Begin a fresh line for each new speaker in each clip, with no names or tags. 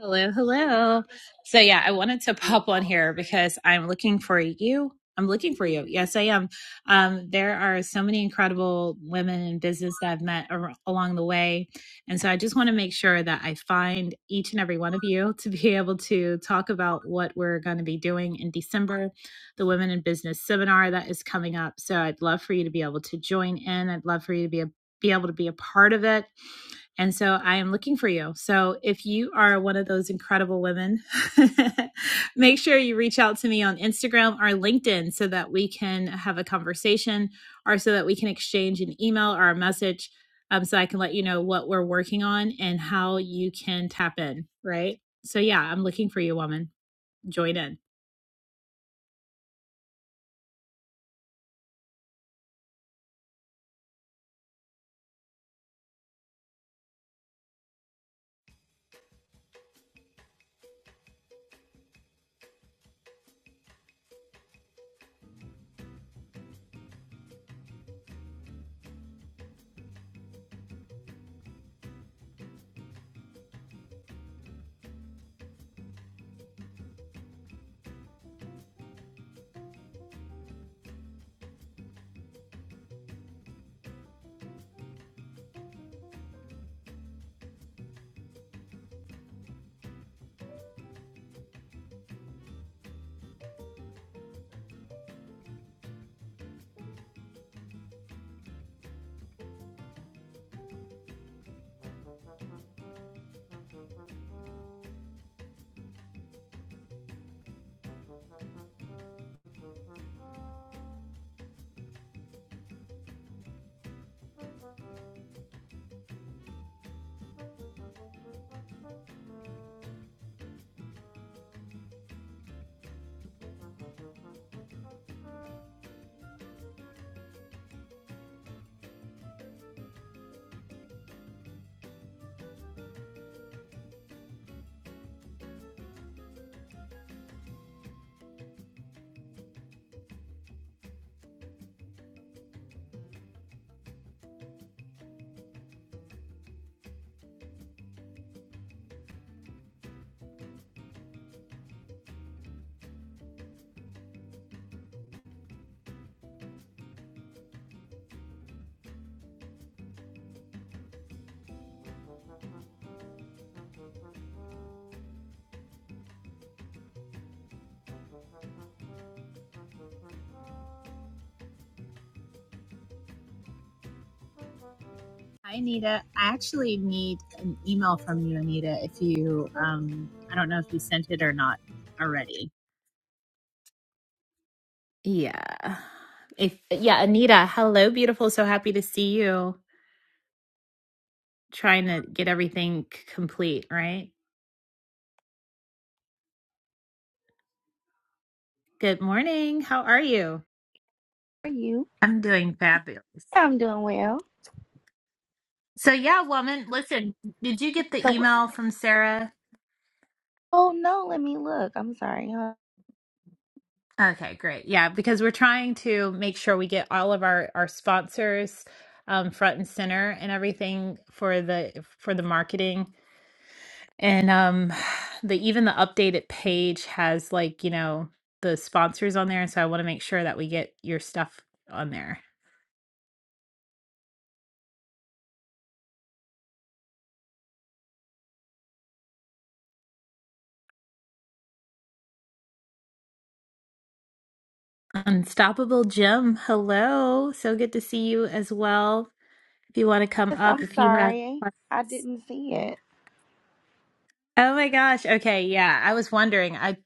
Hello, hello. So yeah, I wanted to pop on here because I'm looking for you. I'm looking for you. Yes, I am. Um, there are so many incredible women in business that I've met ar- along the way, and so I just want to make sure that I find each and every one of you to be able to talk about what we're going to be doing in December, the Women in Business seminar that is coming up. So I'd love for you to be able to join in. I'd love for you to be a, be able to be a part of it. And so I am looking for you. So if you are one of those incredible women, make sure you reach out to me on Instagram or LinkedIn so that we can have a conversation or so that we can exchange an email or a message um, so I can let you know what we're working on and how you can tap in, right? So yeah, I'm looking for you, woman. Join in. Hi, Anita. I actually need an email from you, Anita, if you, um, I don't know if you sent it or not already. Yeah. If yeah, Anita, hello, beautiful. So happy to see you. Trying to get everything c- complete, right? Good morning. How are you?
are you?
I'm doing fabulous.
Yeah, I'm doing well.
So yeah, woman, listen, did you get the
So,
email from Sarah?
oh no, let me look. I'm sorry, huh?
Okay, great. Yeah, because we're trying to make sure we get all of our our sponsors um, front and center and everything for the for the marketing. And um the even the updated page has like, you know, the sponsors on there, so I want to make sure that we get your stuff on there. Unstoppable Jim, hello. So good to see you as well. If you want to come
Yes,
up
I'm
if you have
sorry. I
questions.
didn't see it.
Oh my gosh. Okay, yeah. I was wondering. I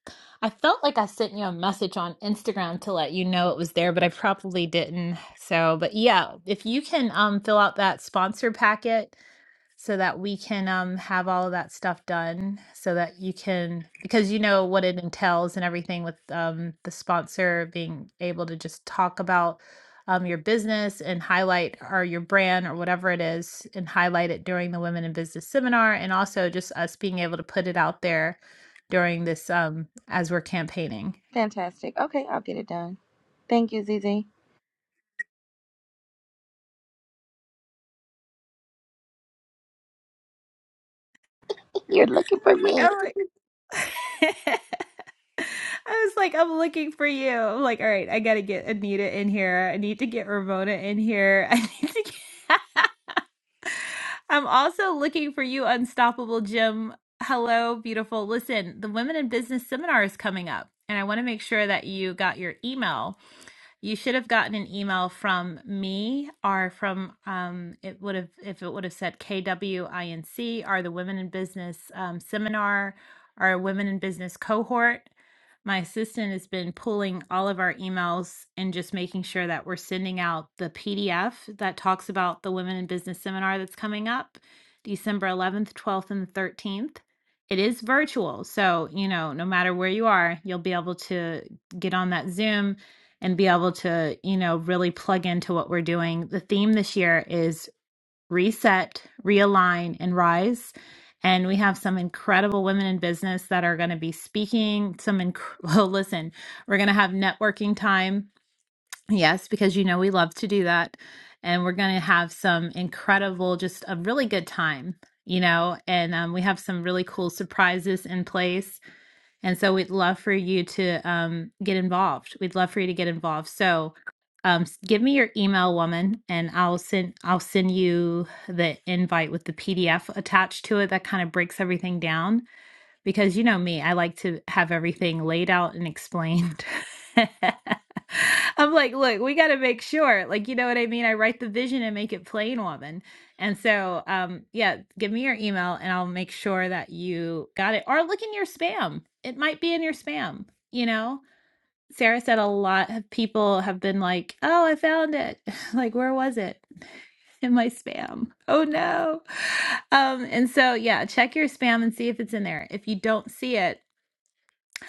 I felt like I sent you a message on Instagram to let you know it was there, but I probably didn't. So, but yeah, if you can um fill out that sponsor packet so that we can um, have all of that stuff done so that you can because you know what it entails and everything with um, the sponsor being able to just talk about um, your business and highlight or your brand or whatever it is and highlight it during the women in business seminar and also just us being able to put it out there during this um, as we're campaigning
Fantastic. Okay, I'll get it done. Thank you, Zizi. You're looking for me.
All right. I was like, I'm looking for you. I'm like, all right, I gotta get Anita in here. I need to get Ramona in here. I need to get I'm also looking for you, Unstoppable Jim. Hello, beautiful. Listen, the Women in Business Seminar is coming up, and I want to make sure that you got your email you should have gotten an email from me or from um, it would have if it would have said kwinc or the women in business um, seminar or women in business cohort my assistant has been pulling all of our emails and just making sure that we're sending out the pdf that talks about the women in business seminar that's coming up december 11th 12th and 13th it is virtual so you know no matter where you are you'll be able to get on that zoom and be able to, you know, really plug into what we're doing. The theme this year is reset, realign, and rise. And we have some incredible women in business that are going to be speaking. Some, inc- oh, listen, we're going to have networking time. Yes, because you know we love to do that. And we're going to have some incredible, just a really good time, you know, and um, we have some really cool surprises in place and so we'd love for you to um, get involved. We'd love for you to get involved. So um, s- give me your email, woman, and I'll send I'll send you the invite with the PDF attached to it. That kind of breaks everything down because you know me, I like to have everything laid out and explained. I'm like, look, we got to make sure. Like, you know what I mean? I write the vision and make it plain, woman. And so, um, yeah, give me your email and I'll make sure that you got it. Or look in your spam. It might be in your spam, you know? Sarah said a lot of people have been like, "Oh, I found it. Like, where was it? In my spam. Oh no." Um, and so yeah, check your spam and see if it's in there. If you don't see it,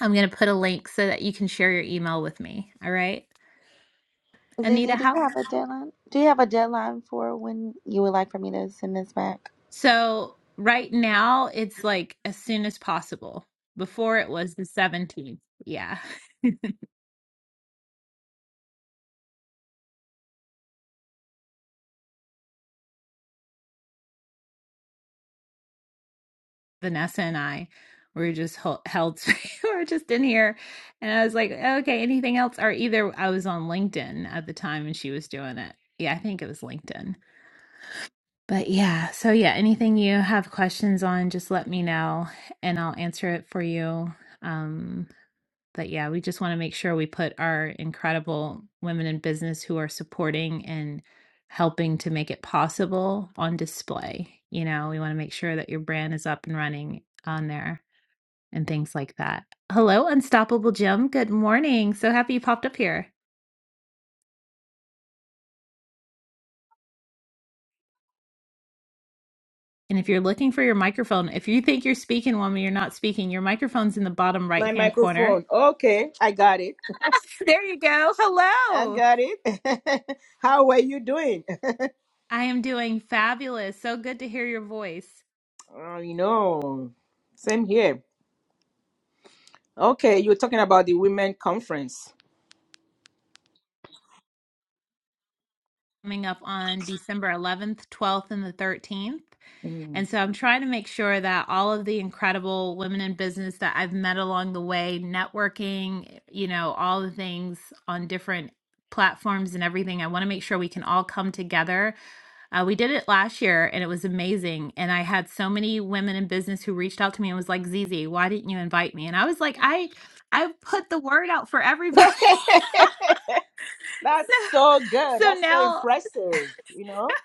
I'm going to put a link so that you can share your email with me, all right? Anita,
Zizi, do you
how?
have a deadline? Do you have a deadline for when you would like for me to send this back?
So, right now it's like as soon as possible. Before it was the 17th. Yeah. Vanessa and I were just held, held we were just in here and I was like, okay, anything else? Or either I was on LinkedIn at the time and she was doing it. Yeah, I think it was LinkedIn. But yeah, so yeah, anything you have questions on, just let me know and I'll answer it for you. Um, but yeah, we just want to make sure we put our incredible women in business who are supporting and helping to make it possible on display. You know, we want to make sure that your brand is up and running on there and things like that. Hello, Unstoppable Jim. Good morning. So happy you popped up here. And if you're looking for your microphone, if you think you're speaking when you're not speaking, your microphone's in the bottom right
My
hand corner.
microphone. Okay, I got it.
There you go.
I
Hello.
got it. How are you doing?
I am doing fabulous. So good to hear your voice.
Oh, you know, same here. Okay, you're talking about the women conference.
Coming up on December 11th, 12th, and the 13th.
Mm.
And so I'm trying to make sure that all of the incredible women in business that I've met along the way, networking, you know, all the things on different platforms and everything, I want to make sure we can all come together. Uh, we did it last year and it was amazing. And I had so many women in business who reached out to me and was like, Zizi, why didn't you invite me? And I was like, I I put the word out for everybody. so
That's so good.
so
That's so
now
impressive. You know.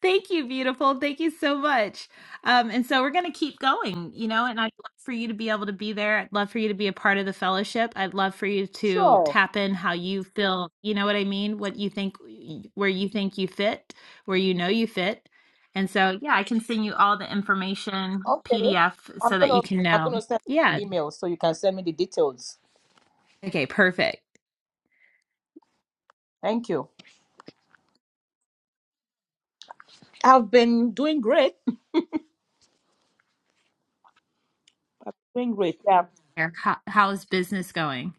Thank you, beautiful. Thank you so much. Um, and so we're going to keep going, you know, and I'd love for you to be able to be there. I'd love for you to be a part of the fellowship. I'd love for you to
Sure.
tap in how you feel, you know what I mean? What you think, where you think you fit, where you know you fit. And so, yeah, I can send you all the information
Okay.
PDF
I'm
so that
gonna
you can
I'm
know.
gonna send an
Yeah.
email so you can send me the details.
Okay, perfect.
Thank you. I've been doing great. I've been doing great. Yeah.
How, how's business going?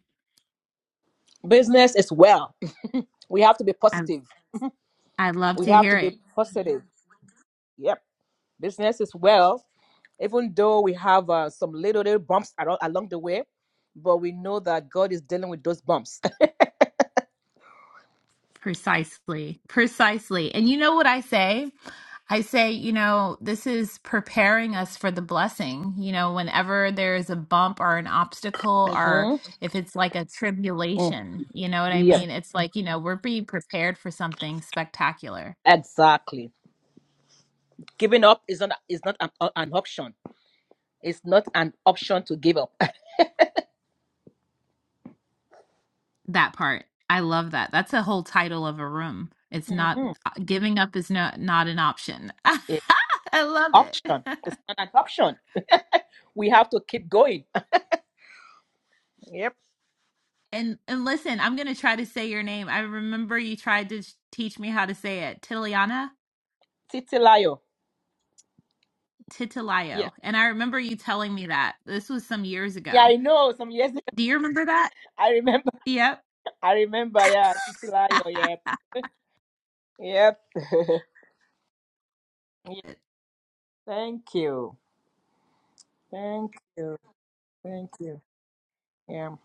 Business as well. We have to be
I,
positive.
I'd love
We
to
have to
hear it.
be positive. Yep, business is well. Even though we have uh, some little little bumps aro- along the way, but we know that God is dealing with those bumps.
Precisely. Precisely. And you know what I say? I say, you know, this is preparing us for the blessing. You know, whenever there is a bump or an obstacle, or
Mhm.
if it's like a
Mm.
tribulation, you know what I
Yep,
mean? It's like, you know, we're being prepared for something spectacular.
exactly. Giving up is not is not an, uh, an option. It's not an option to give up.
That part. I love that. That's a whole title of a room. It's not
Mhm.
uh, giving up is not not an option.
It's
I love
option.
it.
It's not an option. We have to keep going. Yep.
And and listen, I'm gonna try to say your name. I remember you tried to sh- teach me how to say it, Tiliana
titilayo. Yeah.
Titilayo, and I remember you telling me that this was some years
Yeah,
ago.
I know. Some years ago,
Do you remember that?
I remember.
Yep.
I remember. Yeah, titilayo. Yep. Yep. Yeah. Thank you. Thank you. Thank you. Yeah.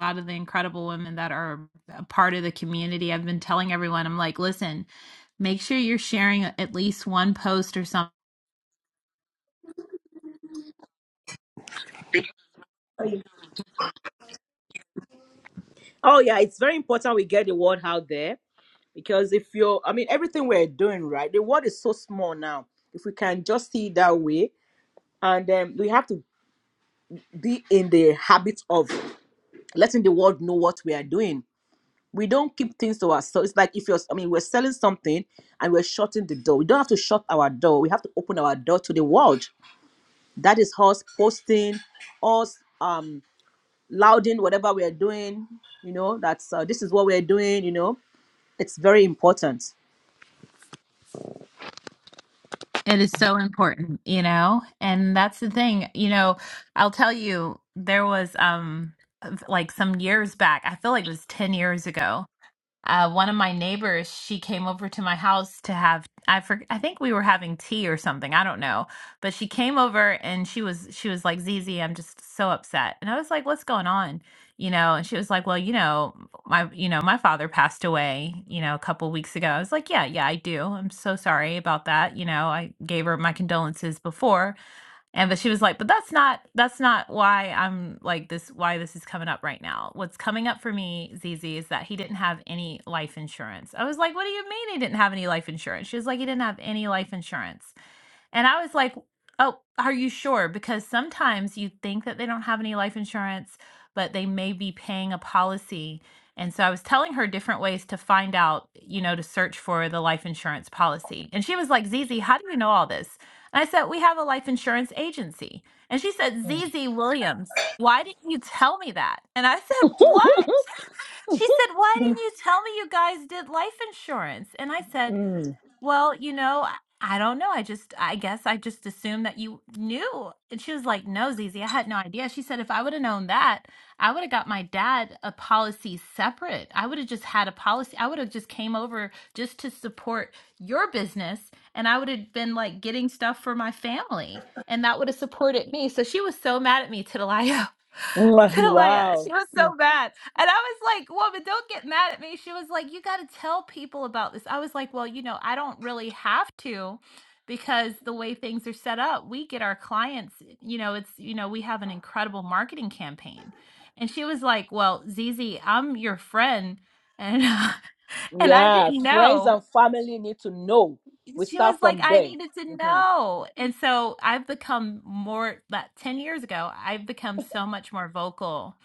A lot of the incredible women that are a part of the community, I've been telling everyone, I'm like, listen, make sure you're sharing at least one post or something.
Oh yeah, it's very important we get the word out there because if you're, I mean, everything we're doing, right? The world is so small now. If we can just see it that way, and um, we have to be in the habit of letting the world know what we are doing. We don't keep things to ourselves. It's like if you're, I mean, we're selling something and we're shutting the door. We don't have to shut our door. We have to open our door to the world. That is us posting, us um louding whatever we're doing you know that's uh, this is what we're doing you know it's very important
It is so important, you know? And that's the thing. You know, I'll tell you, there was um like some years back, I feel like it was 10 years ago uh, one of my neighbors, she came over to my house to have I for, I think we were having tea or something. I don't know, but she came over and she was she was like Zizi, I'm just so upset, and I was like, what's going on? You know, and she was like, well, you know, my you know my father passed away, you know, a couple weeks ago. I was like, yeah, yeah, I do. I'm so sorry about that. You know, I gave her my condolences before, and but she was like, but that's not that's not why I'm like this why this is coming up right now. What's coming up for me, Zizi, is that he didn't have any life insurance. I was like, what do you mean he didn't have any life insurance? She was like, he didn't have any life insurance. And I was like, oh, are you sure? Because sometimes you think that they don't have any life insurance, but they may be paying a policy. And so I was telling her different ways to find out, you know, to search for the life insurance policy. And she was like, Zizi, how do you know all this? And I said, We have a life insurance agency. And she said, Z Z Williams, why didn't you tell me that? And I said, What? She said, Why didn't you tell me you guys did life insurance? And I said,
Mm.
well, you know, I I don't know. I just, I guess I just assumed that you knew. And she was like, no, Zizi, I had no idea. She said, if I would have known that, I would have got my dad a policy separate. I would have just had a policy. I would have just came over just to support your business. And I would have been like getting stuff for my family. And that would have supported me. So she was so mad at me, Titalaya.
Mwah,
Talia, she
Wow.
was so bad, And I was like, woman, don't get mad at me. She was like, you got to tell people about this. I was like, well, you know, I don't really have to because the way things are set up, we get our clients, you know, it's, you know, we have an incredible marketing campaign. And she was like, well, Zizi, I'm your friend. And, and I
Yeah.
didn't
Friends
know
and family need to know. We
she was
start
like,
from
I
there.
needed to
Mhm.
know. And so I've become more that 10 years ago, I've become so much more vocal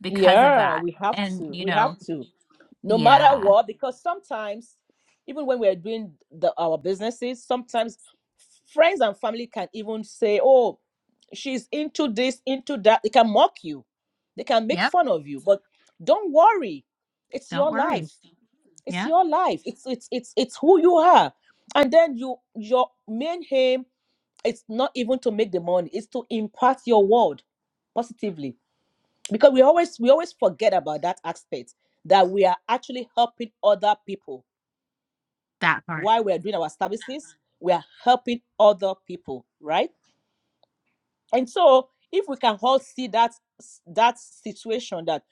because of
Yeah,
that.
we have
And,
to.
you
We
know,
have to. no matter
yeah.
what because sometimes even when we're doing the, our businesses sometimes friends and family can even say oh she's into this into that they can mock you they can make
Yep.
fun of you but don't worry it's your life it's
Yeah.
your life it's it's it's, it's who you are and then you your main aim it's not even to make the money it's to impact your world positively because we always we always forget about that aspect that we are actually helping other people
That part.
while we're doing our services we are helping other people right and so if we can all see that s- that situation that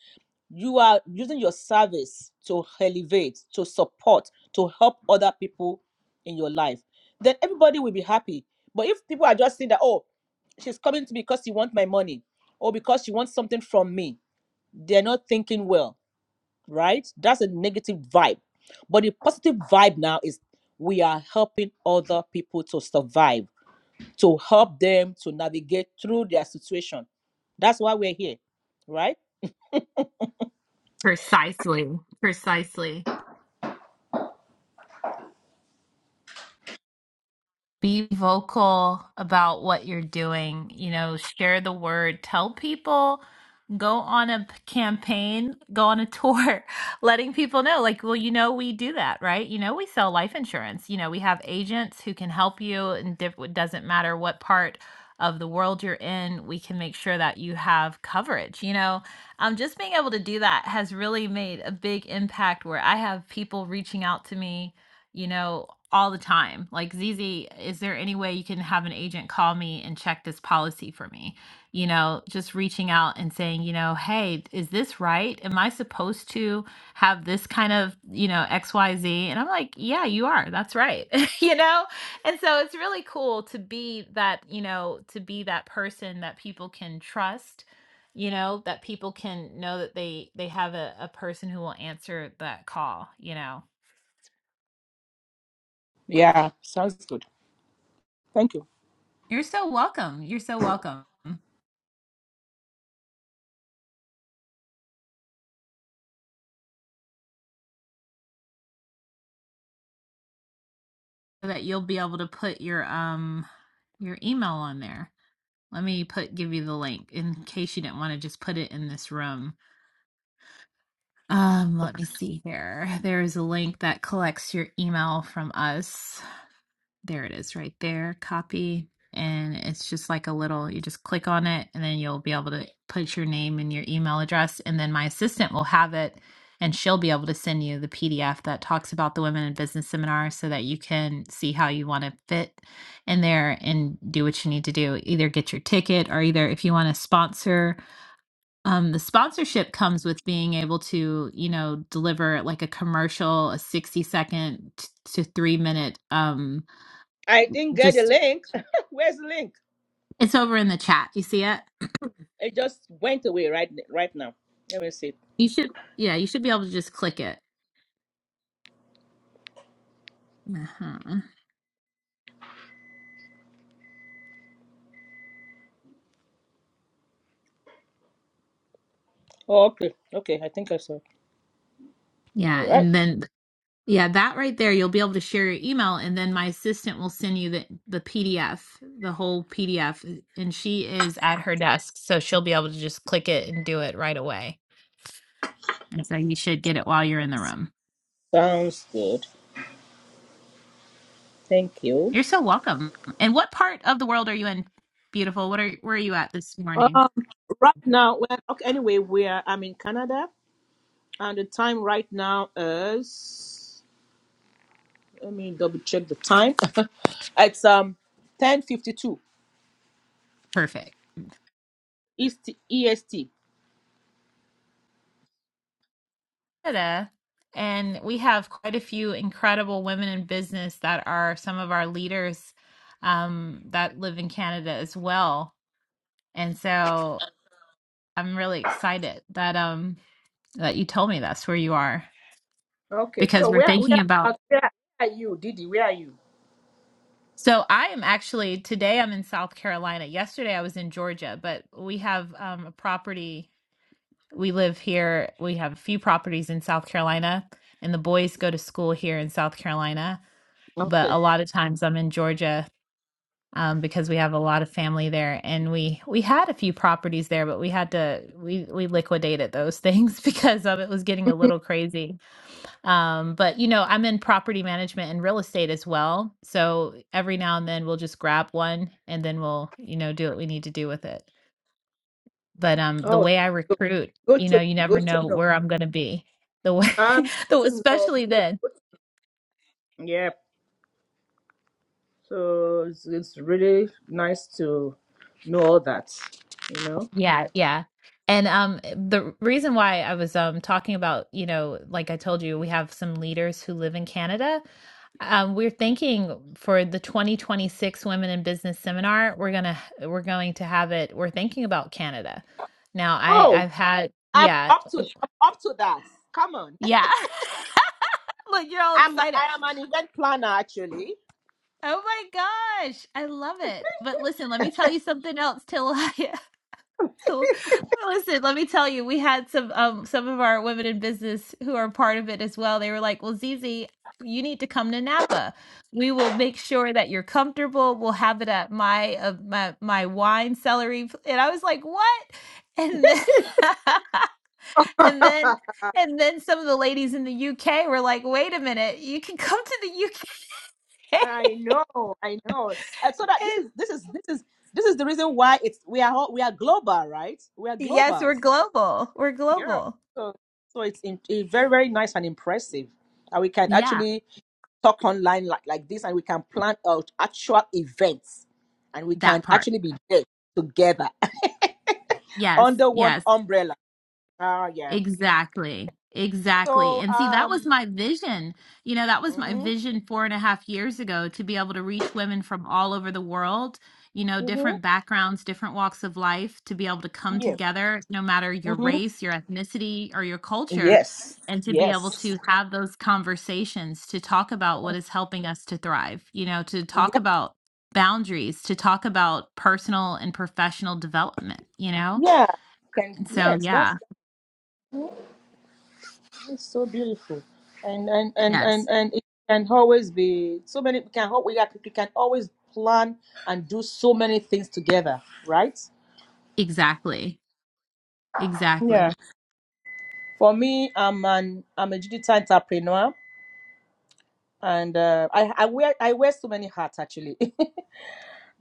you are using your service to elevate to support to help other people in your life then everybody will be happy but if people are just saying that oh she's coming to me because she wants my money or because she wants something from me they're not thinking well right? That's a negative vibe. But the positive vibe now is we are helping other people to survive, to help them to navigate through their situation. That's why we're here, right?
Precisely. Precisely. be vocal about what you're doing you know share the word tell people go on a p- campaign go on a tour letting people know like well you know we do that right you know we sell life insurance you know we have agents who can help you and diff- it doesn't matter what part of the world you're in we can make sure that you have coverage you know um, just being able to do that has really made a big impact where i have people reaching out to me you know all the time. Like, "ZZ, is there any way you can have an agent call me and check this policy for me?" You know, just reaching out and saying, you know, "Hey, is this right? Am I supposed to have this kind of, you know, XYZ?" And I'm like, "Yeah, you are. That's right." you know? And so it's really cool to be that, you know, to be that person that people can trust you know that people can know that they they have a, a person who will answer that call you know
Yeah, sounds good. Thank you.
you're so welcome you're so welcome so that you'll be able to put your um your email on there. Let me put give you the link in case you didn't want to just put it in this room. Um, let me see here. There is a link that collects your email from us. There it is right there. Copy. And it's just like a little, you just click on it and then you'll be able to put your name and your email address. And then my assistant will have it and she'll be able to send you the PDF that talks about the Women in Business seminar so that you can see how you want to fit in there and do what you need to do. Either get your ticket or either if you want to sponsor. Um, the sponsorship comes with being able to, you know, deliver like a commercial, a 60 second t- to three minute um,
I didn't get the
just
link. Where's the link?
It's over in the chat. You see it?
It just went away right right now. Let me see.
You should, yeah, you should be able to just click it. Uh-huh.
Oh, okay. Okay, I think I saw. All
Yeah,
right.
and then yeah, that right there, you'll be able to share your email, and then my assistant will send you the the PDF, the whole PDF, and she is at her desk, so she'll be able to just click it and do it right away. And so you should get it while you're in the room.
Sounds good. Thank you.
You're so welcome. And what part of the world are you in? Beautiful. What are where are you at this morning?
Um, right now, well, okay, anyway, we are. I'm in Canada. And the time right now is let me double check the time. it's um ten fifty two
Perfect.
East EST.
Canada, and we have quite a few incredible women in business that are some of our leaders um, that live in Canada as well. And so I'm really excited that um that you told me that's where you are
Okay,
because
so
we're
where where
thinking about
about where are you, Didi? Where are you?
So I am actually today I'm in South Carolina. Yesterday I was in Georgia, but we have um, a property. We live here. We have a few properties in South Carolina, and the boys go to school here in South Carolina. But a
Okay.
lot of times I'm in Georgia um, because we have a lot of family there, and we we had a few properties there, but we had to we we liquidated those things because of it was getting a little crazy. Um, but you know, I'm in property management and real estate as well. So every now and then we'll just grab one and then we'll, you know, do what we need to do with it. But um the
Oh,
way I
good
recruit,
good
you know,
to
you never
good to
know
know.
where I'm going to be. The way
Um,
the
good to know.
especially then.
Yeah. So it's, it's really nice to know all that. You know.
Yeah, yeah. And um the reason why I was um talking about, you know, like I told you, we have some leaders who live in Canada Um, we're thinking for the 2026 Women in Business Seminar, we're gonna we're going to have it. We're thinking about Canada. Now, I
Oh,
I've had
I'm
yeah
up to I'm up to that. Come on.
yeah. Look, you're all
I'm
excited.
I am an event planner actually.
Oh my gosh, I love it. But listen, let me tell you something else, Till. So, Listen, let me tell you, we had some um some of our women in business who are part of it as well. They were like, "Well, Zizi, you need to come to Napa. We will make sure that you're comfortable. We'll have it at my uh, my my wine celery." pl-" And I was like, "What?" And then and then and then some of the ladies in the UK were like, "Wait a minute, you can come to the UK."
I know, I know. And so that this
And
is this is this is this is the reason why it's we are all, we are global, right? We are
yes, we're
globals.
global. We're
Yeah.
global.
So so it's, in, it's very very nice and impressive that we can
Yeah,
actually talk online like like this, and we can plan out actual events, and we
that
can
part.
actually be there together
Yes,
under
yes.
one umbrella. Ah, yeah.
Exactly. Exactly.
So
And see, that was
um.
my vision. You know, that was my
hmm
vision four and a half years ago to be able to reach women from all over the world, you know,
hmm
different backgrounds, different walks of life, to be able to come
Yes.
together, no matter your
hmm
race, your ethnicity, or your culture,
Yes.
and to be able
Yes.
to have those conversations to talk about what is helping us to thrive, you know, to
Yeah.
talk about boundaries, to talk about personal and professional development, you know?
Yeah. Can
And so,
yes.
yeah.
That's It's so beautiful, and and and
Yes.
and and it can always be so many. We can al- we are- we can always plan and do so many things together, right?
Exactly. Exactly.
Yeah. For me, I'm an I'm a digital entrepreneur, and uh, I I wear I wear so many hats actually.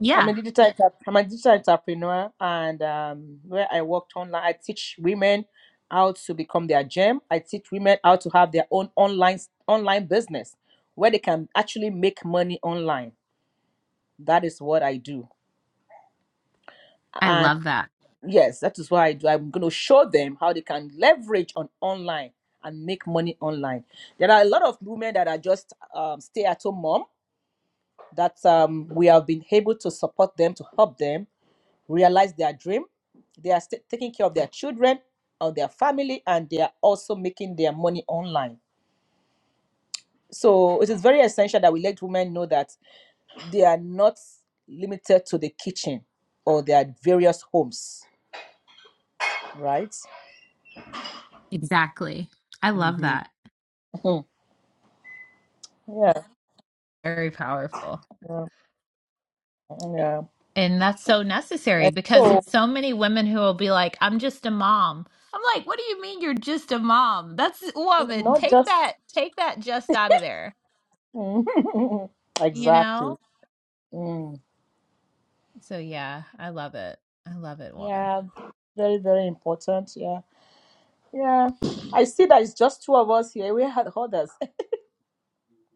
I'm a digital entre- I'm a digital entrepreneur, and um, where I worked online, I teach women how to become their gem. I teach women how to have their own online online business where they can actually make money online That is what I do.
I
And
love that.
yes, that is what I do. I'm going to show them how they can leverage on online and make money online. There are a lot of women that are just um, stay at home mom that um, we have been able to support them, to help them realize their dream. They are st- taking care of their children, of their family, and they are also making their money online. So it is very essential that we let women know that they are not limited to the kitchen or their various homes, right?
Exactly. I love
Mm-hmm.
that.
Mhm. Yeah,
Very powerful.
yeah, yeah.
And that's so necessary
And
because
so,
there's so many women who will be like, I'm just a mom. I'm like, what do you mean you're just a mom? That's woman.
not
Take
just
that, take that just out of there,
Mm.
you
exactly.
know?
Mm.
So yeah, I love it. I love it, woman.
Yeah, very, very important. Yeah, yeah. I see that it's just two of us here. We had others.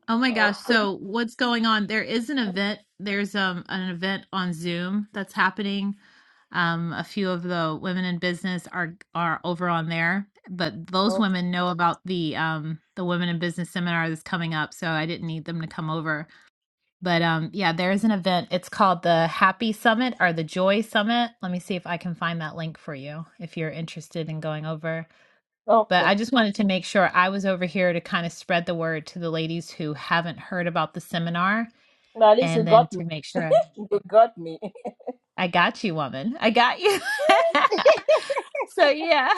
Oh my
Oh,
gosh.
three.
So what's going on? There is an event. There's um an event on Zoom that's happening. Um, a few of the women in business are are over on there, but those
Okay.
women know about the um the women in business seminar that's coming up, so I didn't need them to come over. But um yeah, there is an event. It's called the Happy Summit or the Joy Summit. Let me see if I can find that link for you if you're interested in going over. But
Okay.
I just wanted to make sure I was over here to kind of spread the word to the ladies who haven't heard about the seminar
Now at least you
and then
got me.
to make sure
You got me.
I got you, woman. I got you. so yeah.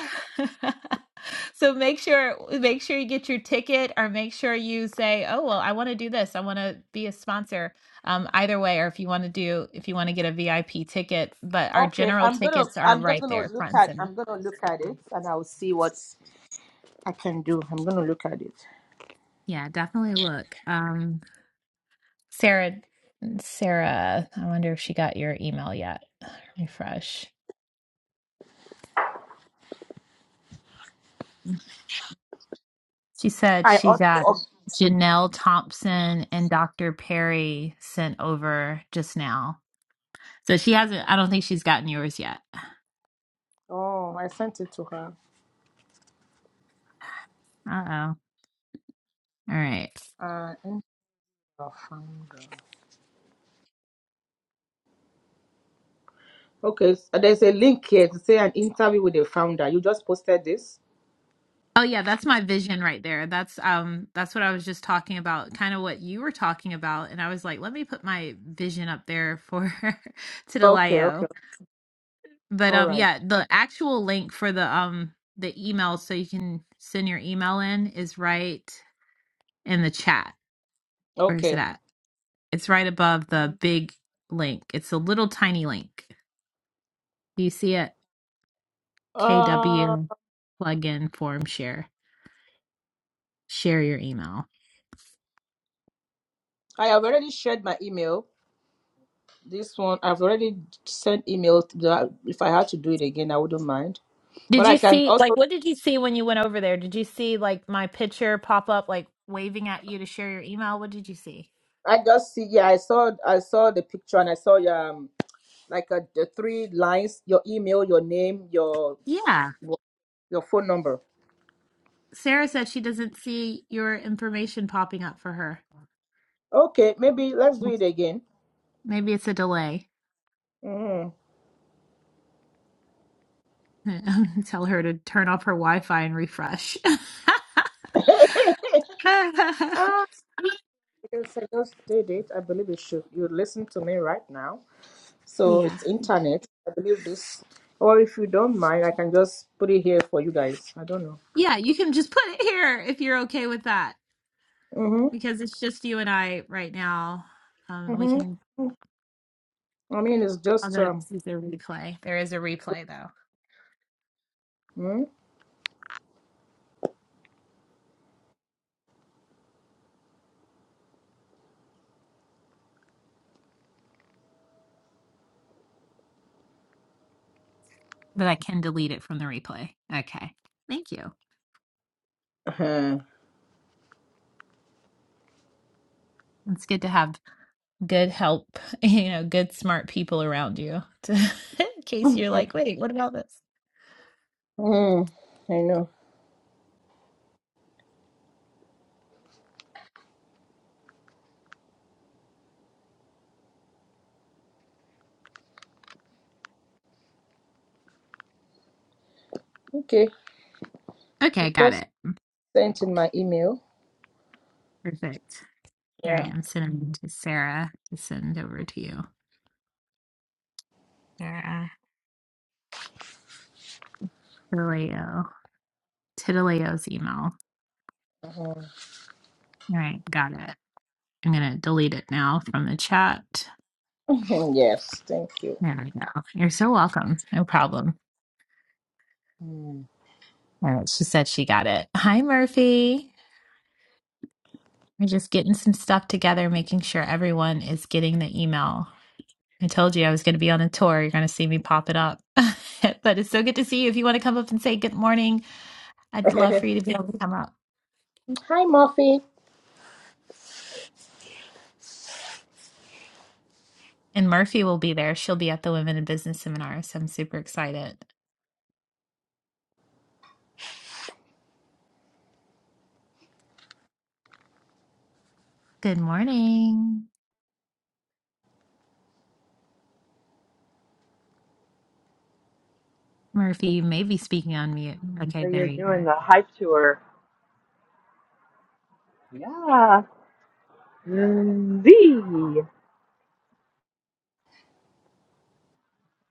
so make sure make sure you get your ticket or make sure you say, "Oh, well, I want to do this. I want to be a sponsor." Um either way or if you want to do if you want to get a VIP ticket, but our
Okay,
general
I'm gonna.
tickets are
I'm just
right
gonna
there
look
front and
at.
center.
I'm gonna look at it, and I'll see what I can do. I'm gonna look at it.
Yeah, definitely look. Um, Sarah, Sarah, I wonder if she got your email yet. Refresh. She said
I
she
also.
got Janelle Thompson and Dr. Perry sent over just now. So she hasn't, I don't think she's gotten yours yet.
Oh, I sent it to her.
Uh-oh. All right.
Uh, in the founder. Okay, so there's a link here to say an interview with the founder. You just posted this.
Oh yeah, that's my vision right there. That's um that's what I was just talking about, kind of what you were talking about. And I was like, let me put my vision up there for
Okay,
Titalio.
okay.
But
All
um
right.
yeah, the actual link for the um the email so you can send your email in is right in the chat. Where is it
Okay.
at? It's right above the big link. It's a little tiny link. Do you see it?
Uh,
KW plugin form share. Share your email.
I have already shared my email. This one, I've already sent email. to the- If I had to do it again, I wouldn't mind. But
Did you
I can
see like
also,
what did you see when you went over there? Did you see like my picture pop up like waving at you to share your email? What did you see?
I just see. Yeah, I saw, I saw the picture and I saw your um, like a, the three lines: your email, your name, your
Yeah.
your phone number.
Sarah said she doesn't see your information popping up for her.
Okay, maybe let's do it again.
Maybe it's a delay.
Mhm.
Tell her to turn off her Wi-Fi and refresh.
Because I just did it, I believe you should. You listen to me right now. So
yeah.
it's internet. I believe this. Or if you don't mind, I can just put it here for you guys. I don't know.
Yeah, you can just put it here if you're okay with that
Mm-hmm.
because it's just you and I right now. Um, we
Mm-hmm.
can,
I mean, it's just
although
um.
this is a replay. There is a replay though,
Mm,
but I can delete it from the replay. Okay. Thank you.
uh-huh.
It's good to have good help, you know, good smart people around you to, in case you're like, wait, what about this?
mm, I know. Okay.
Okay,
I've
got
just
it.
sent in my email.
Perfect. All
Yeah.
right, I'm sending to Sarah to send over to you. Sarah Titaleo. Titaleo's email.
Mhm.
All right, got it. I'm going to delete it now from the chat.
yes. Thank you.
There we go. You're so welcome. No problem.
Mm.
All right. She said she got it. Hi, Murphy. We're just getting some stuff together, making sure everyone is getting the email. I told you I was going to be on a tour. You're going to see me pop it up. but it's so good to see you. If you want to come up and say good morning, I'd love for you to be able to come up.
Hi, Murphy.
And Murphy will be there. She'll be at the Women in Business seminar. So I'm super excited. Good morning. Murphy, you may be speaking on mute.
So
Okay, there
you're
you go.
doing the hype tour. Yeah. Z.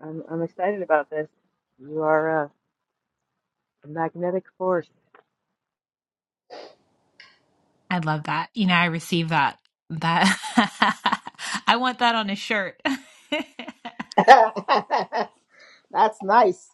I'm, I'm excited about this. You are a magnetic force.
I love that. You know, I receive that. That I want that on a shirt.
That's nice.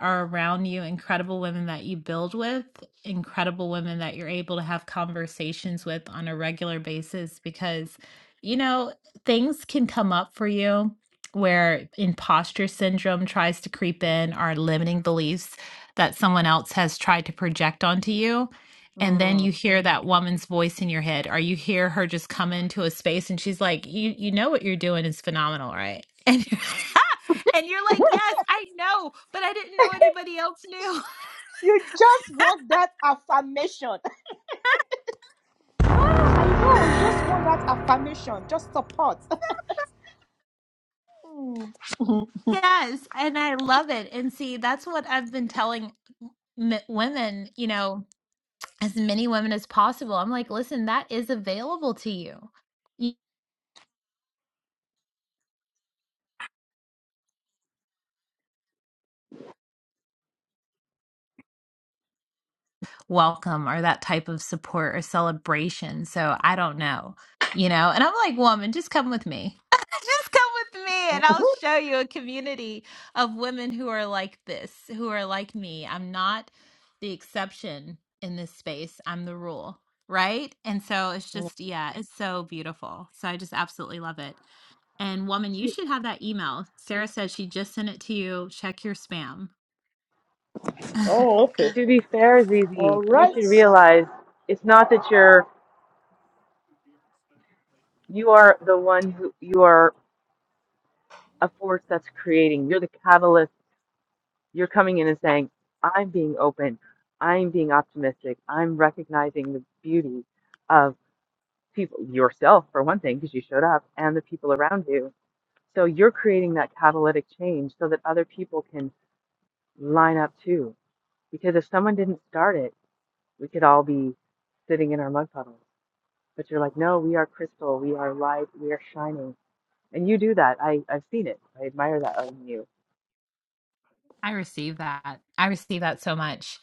are around you, incredible women that you build with, incredible women that you're able to have conversations with on a regular basis because, you know, things can come up for you where imposter syndrome tries to creep in or limiting beliefs that someone else has tried to project onto you. And then
Mm.
you hear that woman's voice in your head, or you hear her just come into a space and she's like, You you know what you're doing is phenomenal, right? And And you're like, yes, I know, but I didn't know anybody else knew.
You just want that affirmation. I know, you just want that affirmation, just support.
yes. And I love it. And see, that's what I've been telling m- women, you know, as many women as possible. I'm like, listen, that is available to you. welcome or that type of support or celebration. So I don't know, you know. And I'm like, woman, just come with me. just come with me and I'll
Hmm.
show you a community of women who are like this, who are like me. I'm not the exception in this space, I'm the rule. Right. And so it's just, yeah, it's so beautiful. So I just absolutely love it. And woman, you
To,
should have that email. Sarah said she just sent it to you. Check your spam.
Oh, okay.
to be fair, ZZ,
All
you
right.
should realize it's not that you're, you are the one who, you are a force that's creating. You're the catalyst. You're coming in and saying, I'm being open. I'm being optimistic. I'm recognizing the beauty of people, yourself, for one thing, because you showed up, and the people around you So you're creating that catalytic change so that other people can line up too. Because if someone didn't start it, we could all be sitting in our mud puddles. But you're like, no, we are crystal, we are light, we are shining. And you do that. I, I've seen it. I admire that of you.
I receive that. I receive that so much.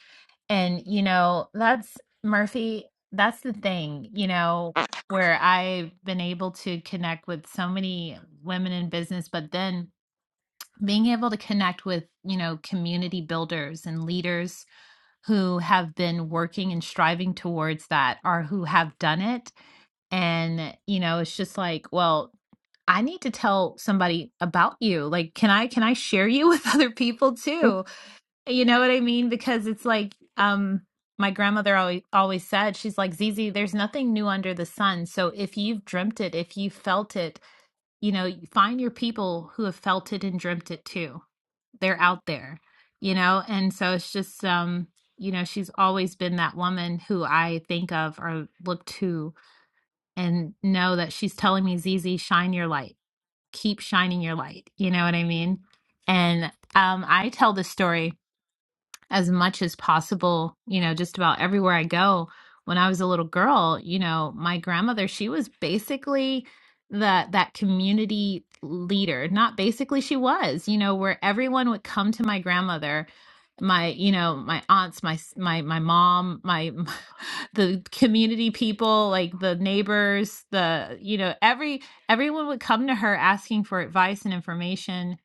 And, you know, that's Murphy, that's the thing, you know, where I've been able to connect with so many women in business, but then being able to connect with, you know, community builders and leaders who have been working and striving towards that or who have done it. And, you know, it's just like, well, I need to tell somebody about you. Like, can I can I share you with other people too? You know what I mean? Because it's like um my grandmother always always said, she's like, Zizi, there's nothing new under the sun. So if you've dreamt it, if you felt it, you know, find your people who have felt it and dreamt it too. They're out there, you know? And so it's just um, you know, she's always been that woman who I think of or look to and know that she's telling me, Zizi, shine your light. Keep shining your light. You know what I mean? And um I tell this story as much as possible, you know, just about everywhere I go. When I was a little girl, you know, my grandmother, she was basically the that community leader. Not basically she was, you know, where everyone would come to my grandmother, my, you know, my aunts, my s- my my mom, my the community people, like the neighbors, the, you know, every everyone would come to her asking for advice and information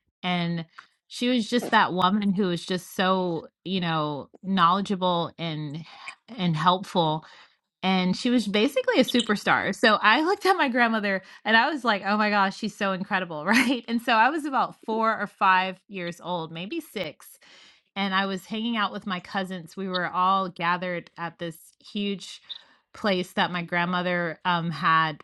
she was just that woman who was just so you know knowledgeable and and helpful and she was basically a superstar so i looked at my grandmother and i was like oh my gosh she's so incredible right and so i was about four or five years old maybe six and i was hanging out with my cousins we were all gathered at this huge place that my grandmother um, had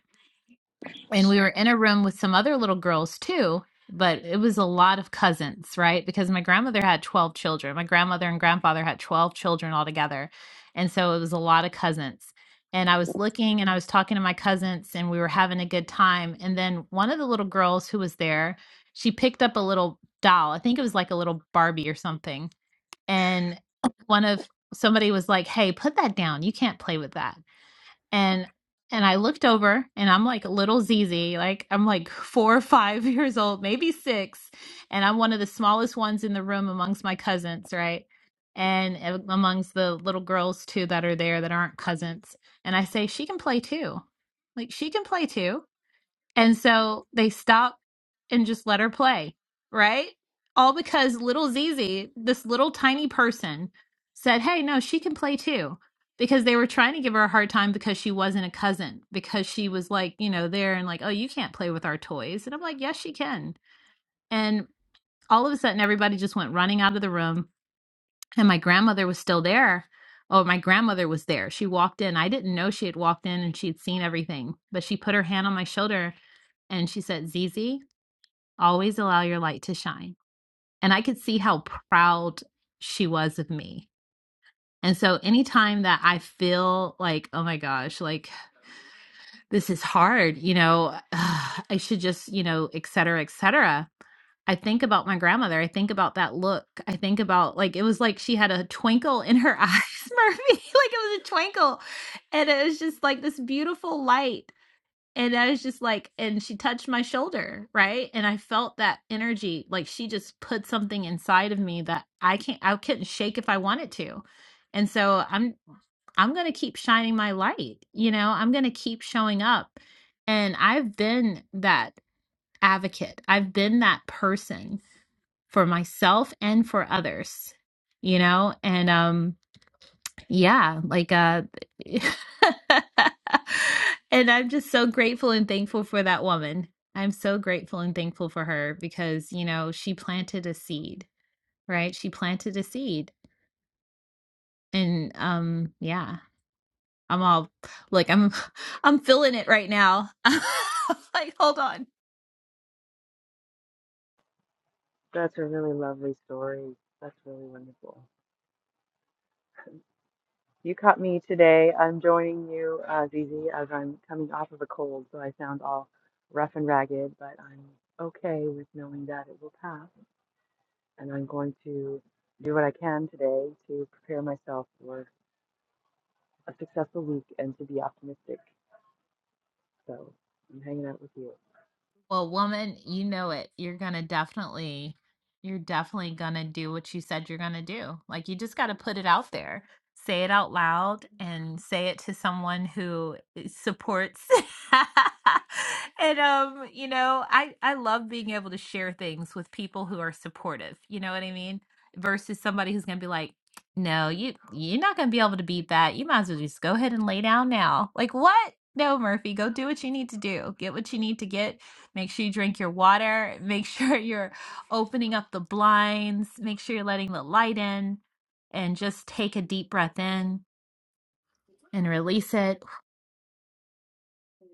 and we were in a room with some other little girls too but it was a lot of cousins right because my grandmother had 12 children my grandmother and grandfather had 12 children altogether and so it was a lot of cousins and i was looking and i was talking to my cousins and we were having a good time and then one of the little girls who was there she picked up a little doll i think it was like a little barbie or something and one of somebody was like hey put that down you can't play with that and and I looked over and I'm like a little ZZ, like I'm like four or five years old, maybe six, and I'm one of the smallest ones in the room amongst my cousins, right? And a- amongst the little girls too that are there that aren't cousins. And I say, she can play too. Like she can play too. And so they stop and just let her play, right? All because little Zizi, this little tiny person, said, Hey, no, she can play too. Because they were trying to give her a hard time because she wasn't a cousin, because she was like, you know, there and like, oh, you can't play with our toys. And I'm like, yes, she can. And all of a sudden, everybody just went running out of the room. And my grandmother was still there. Oh, my grandmother was there. She walked in. I didn't know she had walked in and she had seen everything, but she put her hand on my shoulder and she said, "Zizi." Always allow your light to shine. And I could see how proud she was of me. And so anytime that I feel like, oh my gosh, like this is hard, you know, ugh, I should just, you know, et cetera, et cetera. I think about my grandmother. I think about that look. I think about like it was like she had a twinkle in her eyes, Murphy. like it was a twinkle. And it was just like this beautiful light and I was just like, and she touched my shoulder, right? And I felt that energy, like she just put something inside of me that I can't, I couldn't shake if I wanted to. And so I'm, I'm going to keep shining my light, you know, I'm going to keep showing up. And I've been that advocate, I've been that person for myself and for others, you know, and, um, yeah, like uh and I'm just so grateful and thankful for that woman. I'm so grateful and thankful for her because, you know, she planted a seed, right? She planted a seed. And um yeah, I'm all like I'm I'm feeling it right now. like hold on.
That's a really lovely story. That's really wonderful. You caught me today. I'm joining you, uh, Zizi, as I'm coming off of a cold, so I sound all rough and ragged, but I'm okay with knowing that it will pass. and I'm going to do what I can today to prepare myself for a successful week and to be optimistic. So I'm hanging out with you.
Well, woman, you know it. You're gonna definitely, you're definitely gonna do what you said you're gonna do. Like you just gotta put it out there, say it out loud, and say it to someone who i- supports. and um, you know, I I love being able to share things with people who are supportive. You know what I mean? Versus somebody who's gonna be like, no, you you're not gonna be able to beat that. You might as well just go ahead and lay down now. Like what? No, Murphy, go do what you need to do. Get what you need to get Make sure you drink your water. Make sure you're opening up the blinds. Make sure you're letting the light in and just take a deep breath in and release it.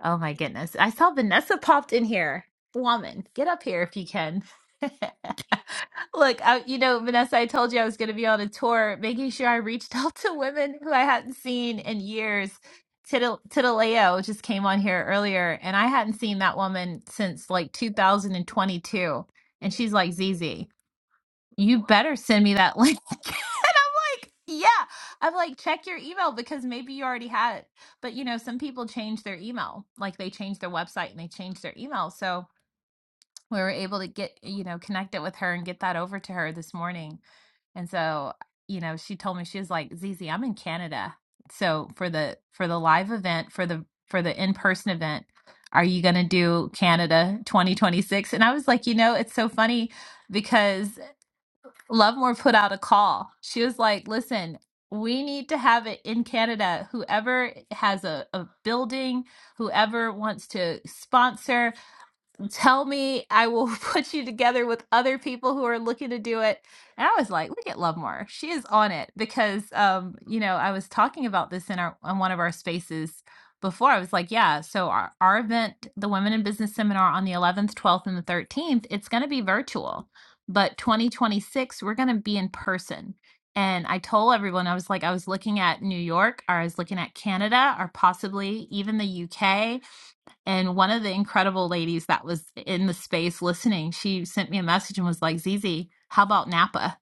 Oh my goodness. I saw Vanessa popped in here. Woman, get up here if you can. Look, I, you know, Vanessa, I told you I was going to be on a tour, making sure I reached out to women who I hadn't seen in years. Tiddle- Tiddaleo just came on here earlier, and I hadn't seen that woman since like 2022. And she's like ZZ you better send me that link. and I'm like, yeah. I'm like, check your email because maybe you already had it. But you know, some people change their email, like they change their website and they change their email. So we were able to get, you know, connect it with her and get that over to her this morning. And so, you know, she told me she was like, Zizi, I'm in Canada. So for the for the live event, for the for the in-person event, are you gonna do Canada 2026? And I was like, you know, it's so funny because Lovemore put out a call. She was like, listen, we need to have it in Canada. Whoever has a, a building, whoever wants to sponsor, tell me i will put you together with other people who are looking to do it and i was like look at lovemore she is on it because um you know i was talking about this in our on one of our spaces before i was like yeah so our, our event the women in business seminar on the 11th 12th and the 13th it's going to be virtual but 2026 we're going to be in person and i told everyone i was like i was looking at new york or i was looking at canada or possibly even the uk and one of the incredible ladies that was in the space listening, she sent me a message and was like, Zizi, how about Napa?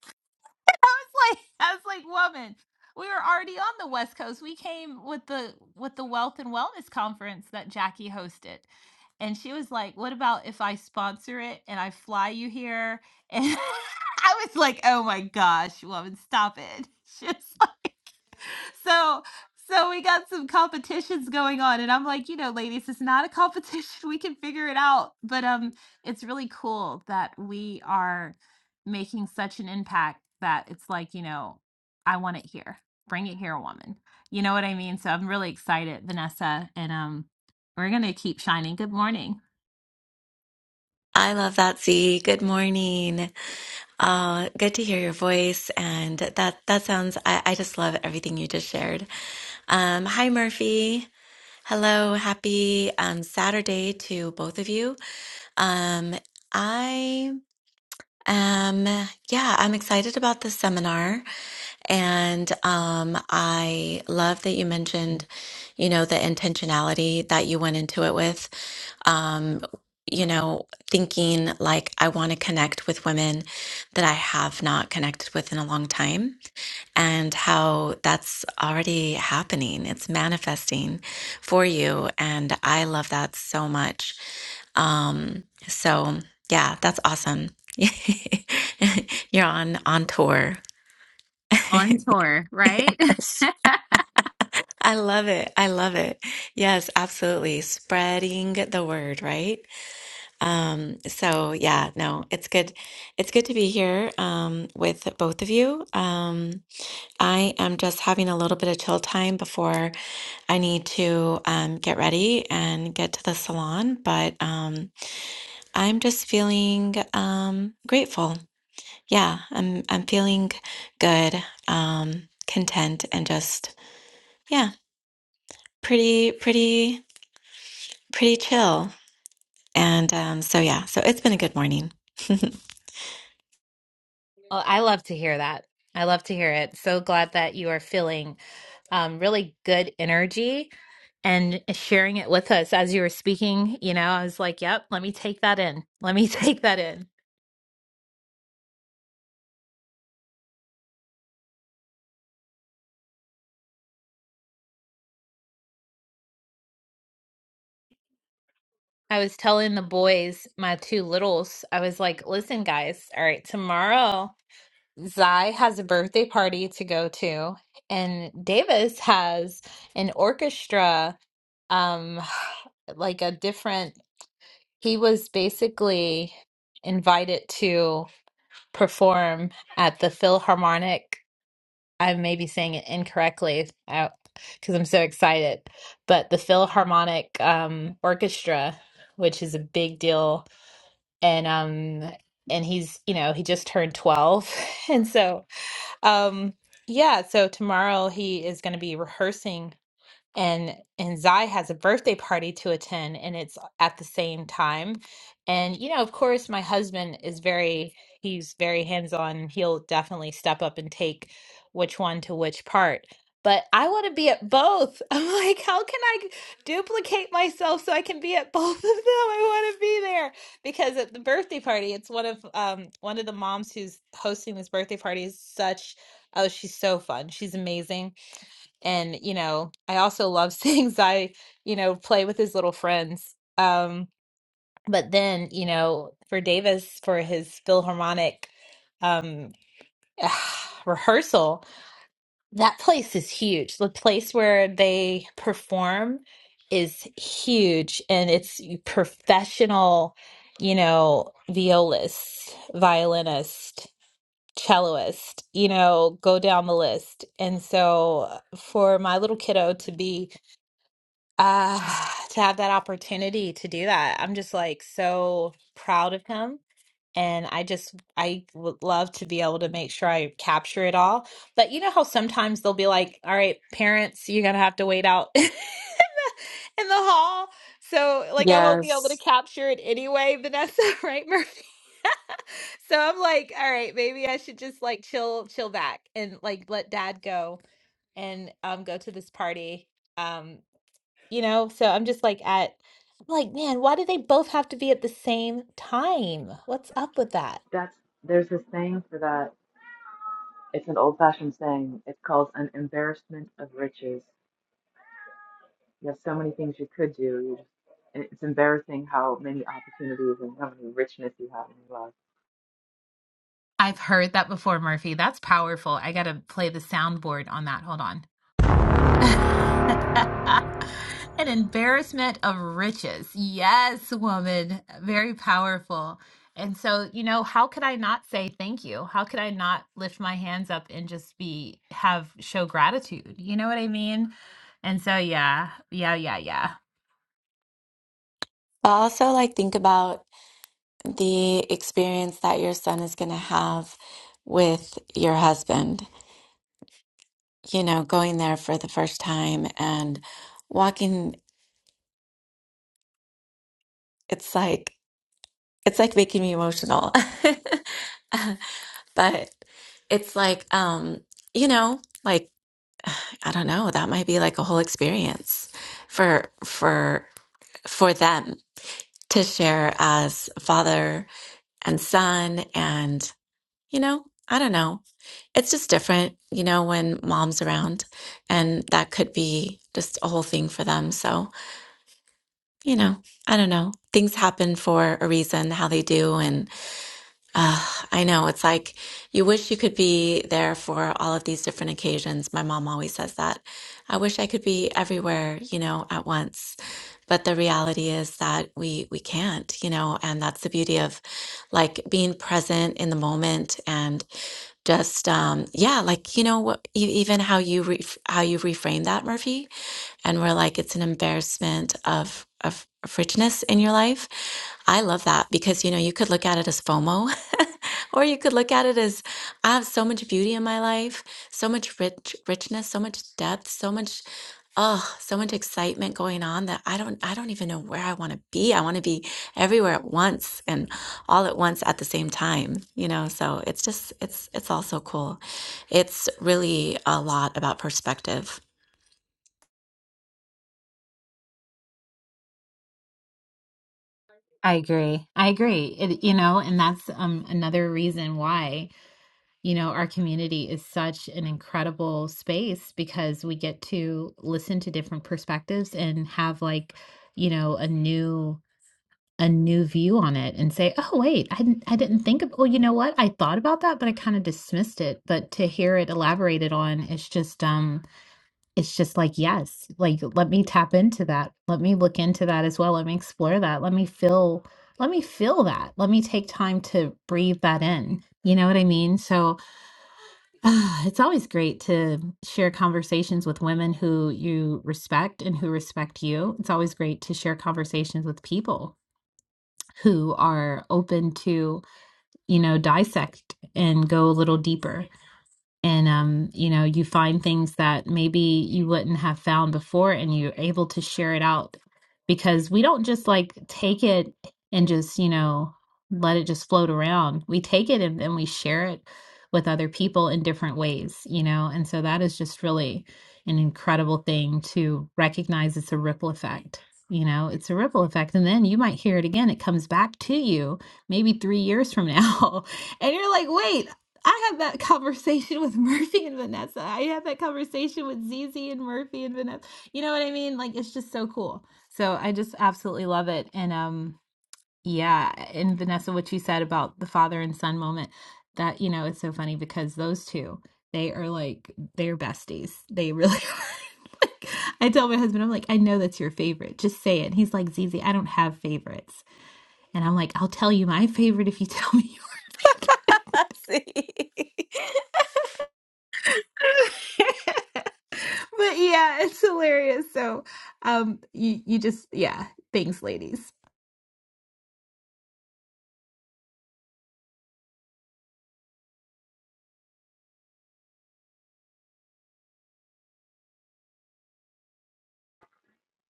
I was like, I was like, woman, we were already on the West Coast. We came with the with the Wealth and Wellness Conference that Jackie hosted. And she was like, What about if I sponsor it and I fly you here? And I was like, Oh my gosh, woman, stop it. She was like so so we got some competitions going on and i'm like you know ladies it's not a competition we can figure it out but um it's really cool that we are making such an impact that it's like you know i want it here bring it here woman you know what i mean so i'm really excited vanessa and um we're gonna keep shining good morning
I love that, Z. Good morning. Uh, good to hear your voice, and that that sounds. I, I just love everything you just shared. Um, hi, Murphy. Hello. Happy um, Saturday to both of you. Um, I am. Yeah, I'm excited about this seminar. And um, I love that you mentioned, you know, the intentionality that you went into it with um, you know, thinking like I want to connect with women that I have not connected with in a long time, and how that's already happening. It's manifesting for you. And I love that so much. Um, so, yeah, that's awesome. You're on on tour.
on tour right
I love it. I love it. Yes, absolutely. Spreading the word, right? Um, so yeah, no, it's good. It's good to be here um, with both of you. Um, I am just having a little bit of chill time before I need to um, get ready and get to the salon, but um, I'm just feeling um, grateful. Yeah, I'm I'm feeling good, um, content, and just yeah, pretty pretty pretty chill. And um, so yeah, so it's been a good morning.
Well, I love to hear that. I love to hear it. So glad that you are feeling um, really good energy and sharing it with us as you were speaking. You know, I was like, yep, let me take that in. Let me take that in. I was telling the boys, my two littles, I was like, listen, guys, all right, tomorrow Zai has a birthday party to go to, and Davis has an orchestra um like a different He was basically invited to perform at the Philharmonic. I may be saying it incorrectly because I'm so excited, but the Philharmonic um, Orchestra, which is a big deal, and um, and he's you know he just turned 12, and so um, yeah, so tomorrow he is going to be rehearsing and and Zai has a birthday party to attend and it's at the same time. And you know, of course, my husband is very he's very hands-on. He'll definitely step up and take which one to which part. But I want to be at both. I'm like, how can I g- duplicate myself so I can be at both of them? I want to be there because at the birthday party, it's one of um one of the moms who's hosting this birthday party is such oh, she's so fun. She's amazing and you know i also love things i you know play with his little friends um but then you know for davis for his philharmonic um rehearsal that place is huge the place where they perform is huge and it's professional you know violist violinist celloist you know go down the list and so uh, for my little kiddo to be uh to have that opportunity to do that i'm just like so proud of him and i just i would love to be able to make sure i capture it all but you know how sometimes they'll be like all right parents you're gonna have to wait out in the hall so like i won't be able
Yes.
to capture it anyway vanessa right murphy so i'm like all right maybe i should just like chill chill back and like let dad go and um go to this party Um, you know, so I'm just like at I'm like, man, why do they both have to be at the same time? What's up with that?
That's there's this saying for that. It's an old-fashioned saying. It's called an embarrassment of riches. You have so many things you could do. You just, and it's embarrassing how many opportunities and how many richness you have in your life.
I've heard that before, Murphy. That's powerful. I got to play the soundboard on that. Hold on. An embarrassment of riches. Yes, woman. Very powerful. And so, you know, how could I not say thank you? How could I not lift my hands up and just be, have, show gratitude? You know what I mean? And so, yeah, yeah, yeah, yeah.
But also, like, think about the experience that your son is going to have with your husband, you know, going there for the first time and walking. It's like, it's like making me emotional. But it's like, um, you know, like, I don't know, that might be like a whole experience for, for, for them to share as father and son. And, you know, I don't know. It's just different, you know, when mom's around, and that could be just a whole thing for them. So, you know, I don't know. Things happen for a reason, how they do. And uh, I know it's like you wish you could be there for all of these different occasions. My mom always says that. I wish I could be everywhere, you know, at once. But the reality is that we we can't, you know, and that's the beauty of like being present in the moment and just um yeah like you know what e- even how you re- how you reframe that Murphy and we're like it's an embarrassment of of richness in your life i love that because you know you could look at it as fomo or you could look at it as i have so much beauty in my life so much rich richness so much depth so much oh so much excitement going on that i don't i don't even know where i want to be i want to be everywhere at once and all at once at the same time you know so it's just it's it's all so cool it's really a lot about perspective
I agree. I agree. It, you know, and that's um, another reason why, you know, our community is such an incredible space because we get to listen to different perspectives and have like, you know, a new a new view on it and say, "Oh, wait, I didn't I didn't think of well, you know what? I thought about that, but I kind of dismissed it." But to hear it elaborated on, it's just um it's just like yes like let me tap into that let me look into that as well let me explore that let me feel let me feel that let me take time to breathe that in you know what i mean so it's always great to share conversations with women who you respect and who respect you it's always great to share conversations with people who are open to you know dissect and go a little deeper and um, you know you find things that maybe you wouldn't have found before and you're able to share it out because we don't just like take it and just you know let it just float around we take it and then we share it with other people in different ways you know and so that is just really an incredible thing to recognize it's a ripple effect you know it's a ripple effect and then you might hear it again it comes back to you maybe 3 years from now and you're like, wait, I had that conversation with Murphy and Vanessa. I had that conversation with Zizi and Murphy and Vanessa. You know what I mean? Like it's just so cool. So I just absolutely love it. And um yeah, and Vanessa what you said about the father and son moment, that you know, it's so funny because those two, they are like they're besties. They really are. Like, I tell my husband, I'm like, I know that's your favorite. Just say it. He's like, Zizi, I don't have favorites. And I'm like, I'll tell you my favorite if you tell me yours.
I see.
but yeah, it's hilarious. So, um, you you just yeah, thanks, ladies.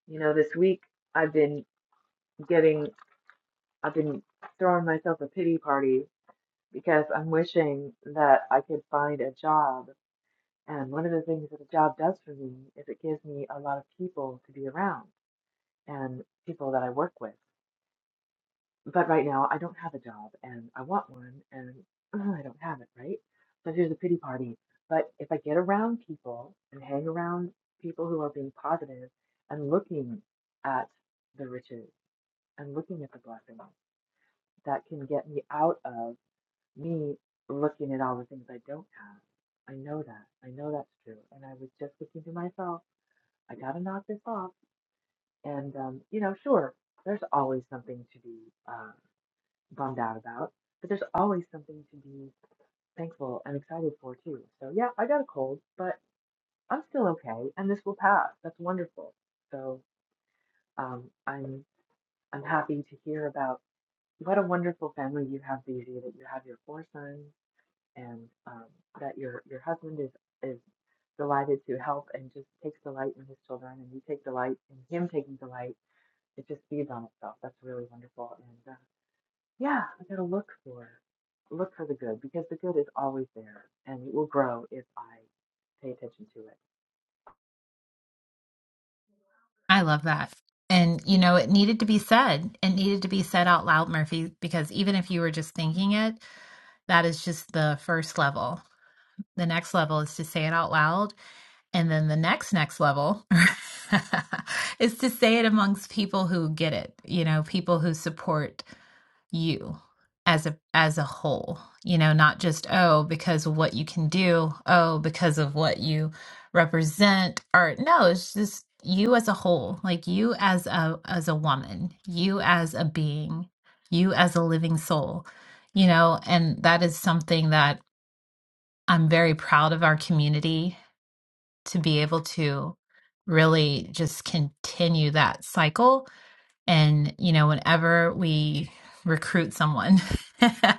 You know, this week I've been getting, I've been throwing myself a pity party because I'm wishing that I could find a job And one of the things that the job does for me is it gives me a lot of people to be around and people that I work with. But right now, I don't have a job and I want one and uh, I don't have it, right? So here's the pity party. But if I get around people and hang around people who are being positive and looking at the riches and looking at the blessings, that can get me out of me looking at all the things I don't have. I know that. I know that's true. And I was just looking to myself I gotta knock this off. And um, you know, sure, there's always something to be uh, bummed out about, but there's always something to be thankful and excited for too. So yeah, I got a cold, but I'm still okay, and this will pass. That's wonderful. So um, I'm I'm happy to hear about what a wonderful family you have, Daisy. that you have your four sons and um, that your your husband is is delighted to help and just takes delight in his children, and you take delight in him taking delight it just feeds on itself. That's really wonderful. And uh, yeah, I gotta look for look for the good because the good is always there and it will grow if I pay attention to it.
I love that. And, you know, it needed to be said. It needed to be said out loud, Murphy, because even if you were just thinking it, that is just the first level. The next level is to say it out loud And then the next, next level is to say it amongst people who get it, you know, people who support you as a as a whole you know not just oh because of what you can do oh because of what you represent or no it's just you as a whole like you as a as a woman you as a being you as a living soul you know and that is something that i'm very proud of our community to be able to really just continue that cycle and, you know, whenever we recruit someone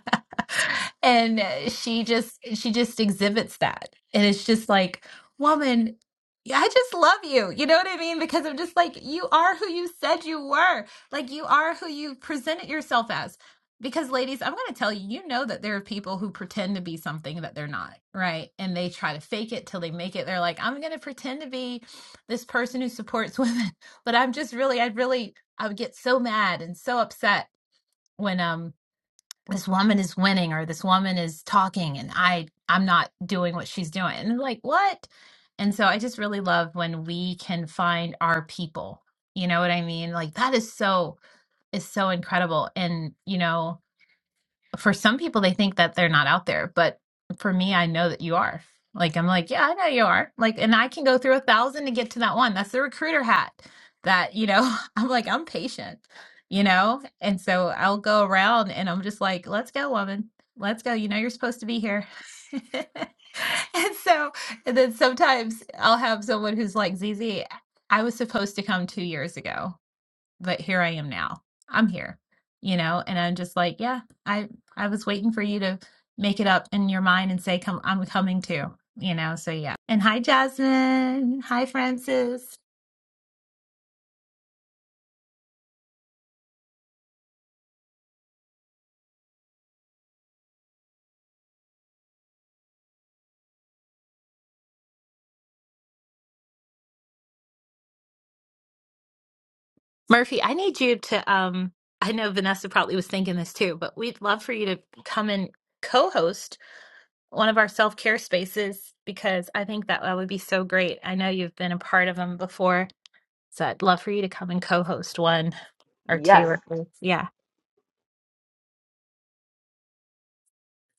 and she just she just exhibits that. And it's just like, woman, I just love you. You know what I mean? Because I'm just like, you are who you said you were. Like you are who you presented yourself as. Because ladies, I'm going to tell you, you know that there are people who pretend to be something that they're not, right? And they try to fake it till they make it. They're like, I'm going to pretend to be this person who supports women but I'm just really, I really I would get so mad and so upset when um this woman is winning or this woman is talking and I I'm not doing what she's doing. And like, what? And so I just really love when we can find our people. You know what I mean? Like that is so is so incredible. And you know, for some people they think that they're not out there but for me i know that you are like i'm like yeah i know you are like and i can go through a thousand to get to that one that's the recruiter hat that you know i'm like i'm patient you know and so i'll go around and i'm just like let's go woman let's go you know you're supposed to be here and so and then sometimes i'll have someone who's like zizi i was supposed to come two years ago but here I am now. I'm here, you know, and I'm just like, yeah, I I was waiting for you to make it up in your mind and say, come, I'm coming too, you know. So yeah. And hi, Jasmine. Hi, Francis. Murphy, I need you to. um I know Vanessa probably was thinking this too, but we'd love for you to come and co-host one of our self-care spaces because I think that that would be so great. I know you've been a part of them before, so I'd love for you to come and co-host one or two
Yes,
or Yeah.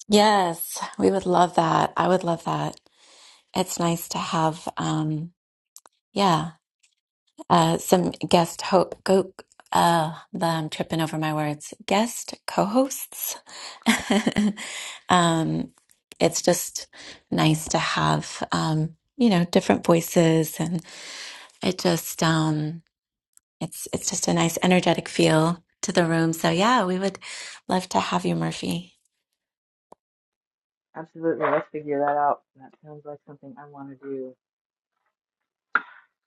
Yes, we would love that. I would love that. It's nice to have, um, yeah, uh, some guest ho go. Uh, the, I'm tripping over my words. Guest co-hosts. Um, it's just nice to have, um, you know, different voices, and it just, um, it's it's just a nice energetic feel to the room. So yeah, we would love to have you, Murphy.
absolutely. Let's figure that out. That sounds like something I want to do.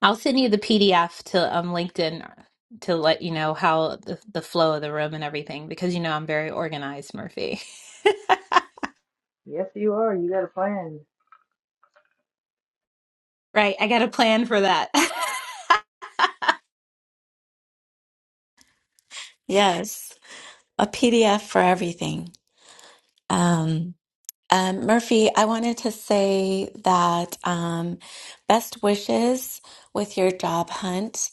I'll send you the PDF to um LinkedIn to let you know how the, the flow of the room and everything because you know I'm very organized, Murphy.
Yes, you are. You got a plan.
Right, I got a plan for that.
Yes, a PDF for everything. Um, um, Murphy, I wanted to say that um, best wishes with your job hunt.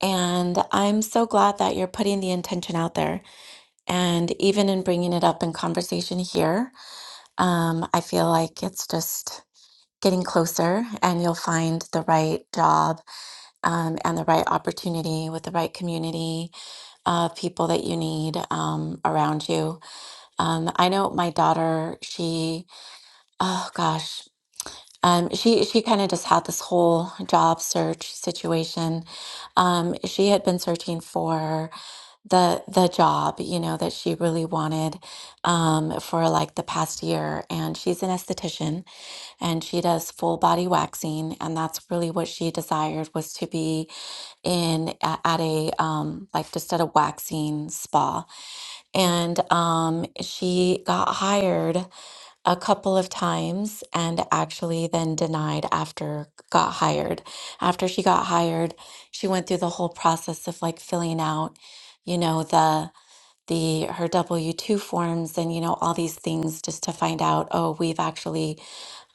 And I'm so glad that you're putting the intention out there. And even in bringing it up in conversation here, um, I feel like it's just getting closer and you'll find the right job um, and the right opportunity with the right community of people that you need um, around you. Um, I know my daughter, she Oh gosh. Um, she she kind of just had this whole job search situation. Um, she had been searching for the the job, you know, that she really wanted um, for like the past year. And she's an esthetician and she does full body waxing, and that's really what she desired was to be in at, at a um like just at a waxing spa and um she got hired a couple of times and actually then denied after got hired. After she got hired, she went through the whole process of like filling out, you know, the the her W-2 forms and you know all these things just to find out, oh, we've actually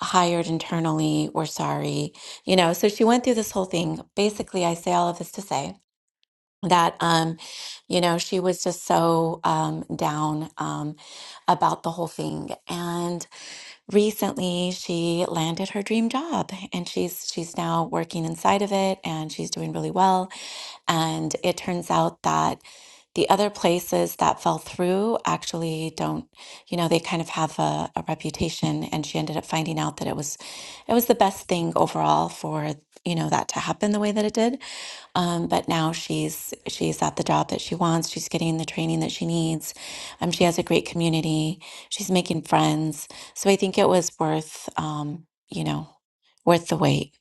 hired internally, we're sorry. You know, so she went through this whole thing. Basically, I say all of this to say that um you know she was just so um down um about the whole thing. And recently she landed her dream job and she's she's now working inside of it and she's doing really well and it turns out that the other places that fell through actually don't you know they kind of have a, a reputation and she ended up finding out that it was it was the best thing overall for you know that to happen the way that it did um, but now she's she's at the job that she wants she's getting the training that she needs um, she has a great community she's making friends so I think it was worth, um, you know, worth the wait.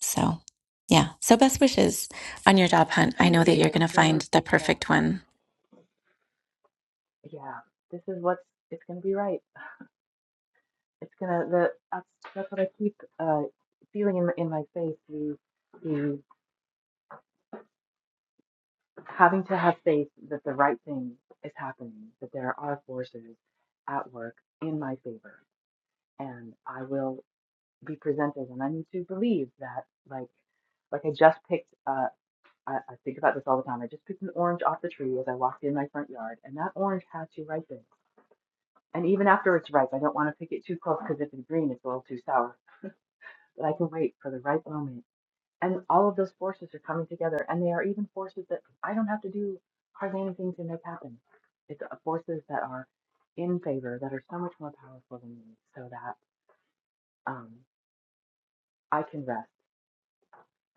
So yeah. So best wishes on your job hunt.
Thank
I know that
you.
you're
Thank
going to
you. I
find the
received that.
perfect one.
Yeah, this is what's. It's gonna be right. It's gonna. The that's that's what I keep uh feeling in my, in my face. The the having to have faith that the right thing is happening, that there are forces at work in my favor, and I will be presented. And I need to believe that, like, like I just picked. Uh, I, I think about this all the time. I just picked an orange off the tree as I walked in my front yard, and that orange had to ripen. And even after it's ripe, I don't want to pick it too close because if it's green, it's a little too sour. But I can wait for the right moment and all of those forces are coming together and they are even forces that i don't have to do hardly anything to make happen it's uh, forces that are in favor that are so much more powerful than me so that um, i can rest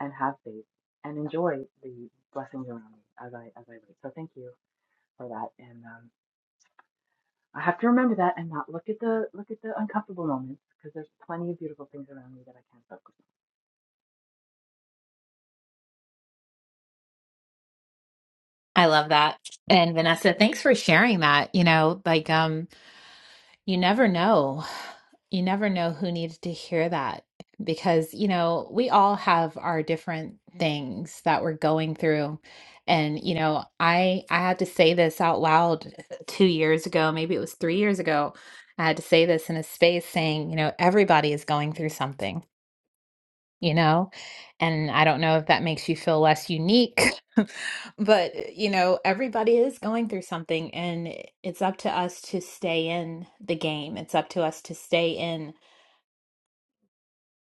and have faith and enjoy the blessings around me as i as i wait so thank you for that and um, i have to remember that and not look at the look at the uncomfortable moments because there's plenty of beautiful things around me that i can focus
I love that. And Vanessa, thanks for sharing that. You know, like um You never know. You never know who needed to hear that because, you know, we all have our different things that we're going through. And, you know, I I had to say this out loud 2 years ago, maybe it was 3 years ago. I had to say this in a space saying, you know, everybody is going through something you know? And I don't know if that makes you feel less unique, but uh, you know, everybody is going through something, and it's up to us to stay in the game. It's up to us to stay in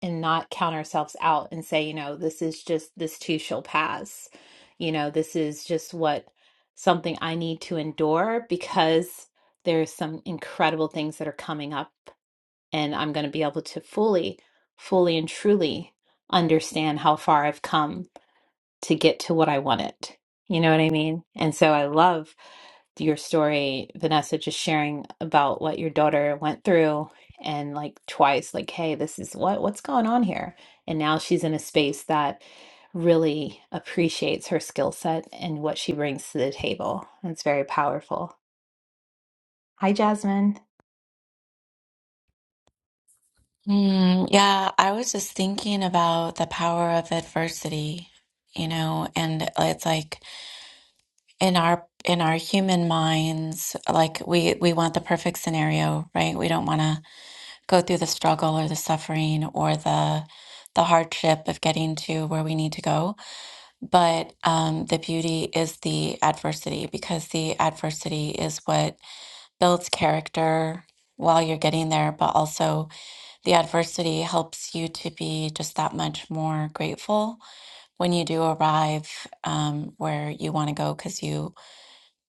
and not count ourselves out and say, you know, this is just this too shall pass. You know, this is just what something I need to endure because there's some incredible things that are coming up, and I'm going to be able to fully, fully and truly understand how far I've come to get to what I wanted. You know what I mean? And so I love your story, Vanessa, just sharing about what your daughter went through and like twice, like, hey, this is what what's going on here. And now she's in a space that really appreciates her skill set and what she brings to the table. It's very powerful. Hi, Jasmine.
Hmm, yeah, I was just thinking about the power of adversity, you know, and it's like in our in our human minds like we we want the perfect scenario right we don't want to go through the struggle or the suffering or the the hardship of getting to where we need to go but um, the beauty is the adversity because the adversity is what builds character while you're getting there but also the adversity helps you to be just that much more grateful when you do arrive um, where you want to go because you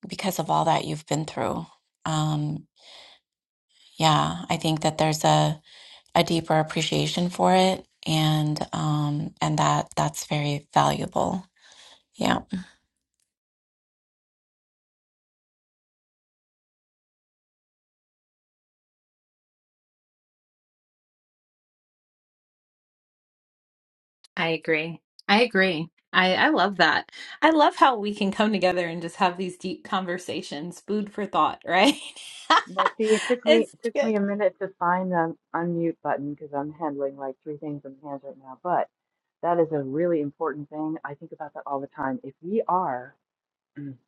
because of all that you've been through. Um, yeah, I think that there's a, a deeper appreciation for it and um and that that's very valuable. Yeah.
I agree. I agree. I, I love that. I love how we can come together and just have these deep conversations. Food for thought, right?
Now, see, it took me
It's
it took me
good.
a minute to find the unmute button because I'm handling like three things in my hands right now. But that is a really important thing. I think about that all the time. If we are, if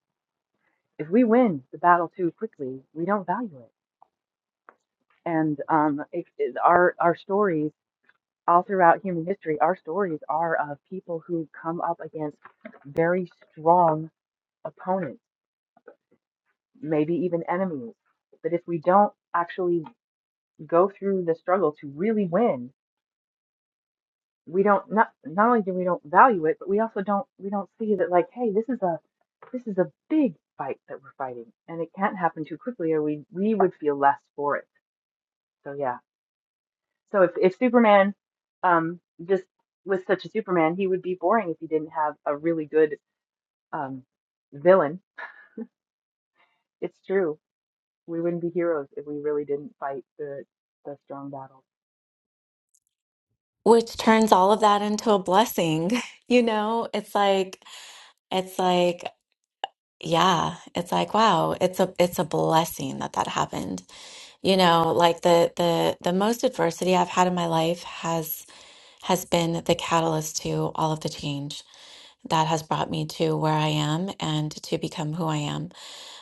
we win the battle too quickly, we don't value it. And um, it, it- our our stories all throughout human history, our stories are of people who come up against very strong opponents, maybe even enemies. But if we don't actually go through the struggle to really win we don't not not only do we don't value it, but we also don't we don't see that like, hey, this is a this is a big fight that we're fighting, and it can't happen too quickly, or we we would feel less for it. So yeah, so if if Superman, um, just was such a Superman, he would be boring if he didn't have a really good um villain. It's true, we wouldn't be heroes if we really didn't fight the the strong battles.
Which turns all of that into a blessing. You know, it's like it's like yeah, it's like wow, it's a it's a blessing that that happened. You know, like the the the most adversity I've had in my life has. has been the catalyst to all of the change that has brought me to where I am and to become who I am.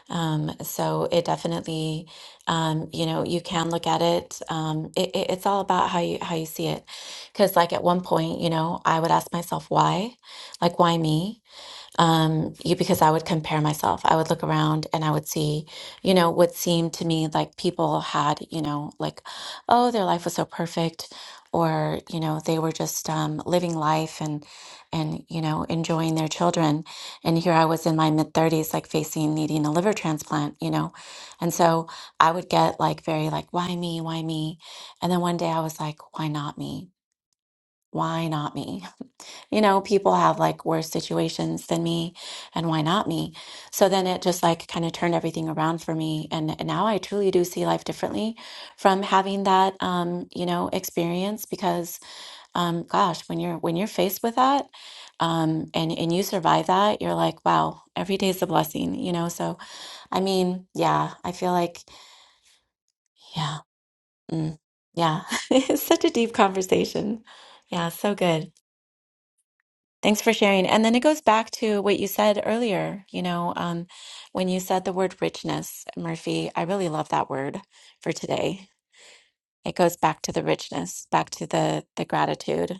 Um, so it definitely, um, you know, you can look at it. Um, it, it- It's all about how you how you see it, because like at one point, you know, I would ask myself why, like why me, um you because I would compare myself. I would look around and I would see, you know, what seemed to me like people had, you know, like, oh, their life was so perfect, or you know, they were just um, living life and and you know enjoying their children. And here I was in my mid thirties, like facing needing a liver transplant, you know, and so I would get like very like, why me, why me, and then one day I was like, why not me? Why not me? You know, people have like worse situations than me, and why not me? So then it just like kind of turned everything around for me. And, and now I truly do see life differently from having that, um, you know, experience because, um, gosh, when you're when you're faced with that, um, and and you survive that, you're like, wow, every day's a blessing, you know? So I mean, yeah, I feel like, yeah, mm, yeah, it's such a deep conversation. Yeah, so good. Thanks for sharing. And then it goes back to what you said earlier, you know, um, when you said the word richness, Murphy, I really love that word for today. It goes back to the richness, back to the the gratitude.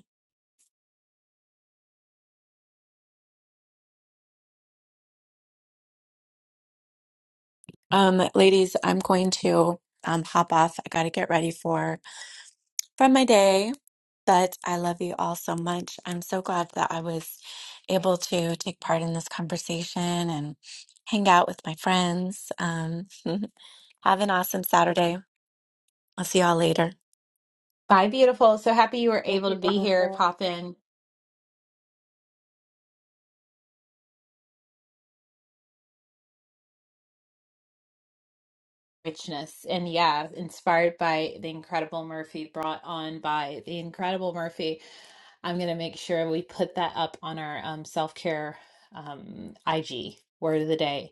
Um, ladies, I'm going to um, hop off. I got to get ready for from my day, but I love you all so much. I'm so glad that I was able to take part in this conversation and hang out with my friends. Um, have an awesome Saturday. I'll see y'all later.
Bye, beautiful. So happy you were
Thank
able to
you,
be here,
Vanessa.
pop in richness. And yeah, inspired by the incredible Murphy, brought on by the incredible Murphy. I'm going to make sure we put that up on our um, self care um, IG word of the day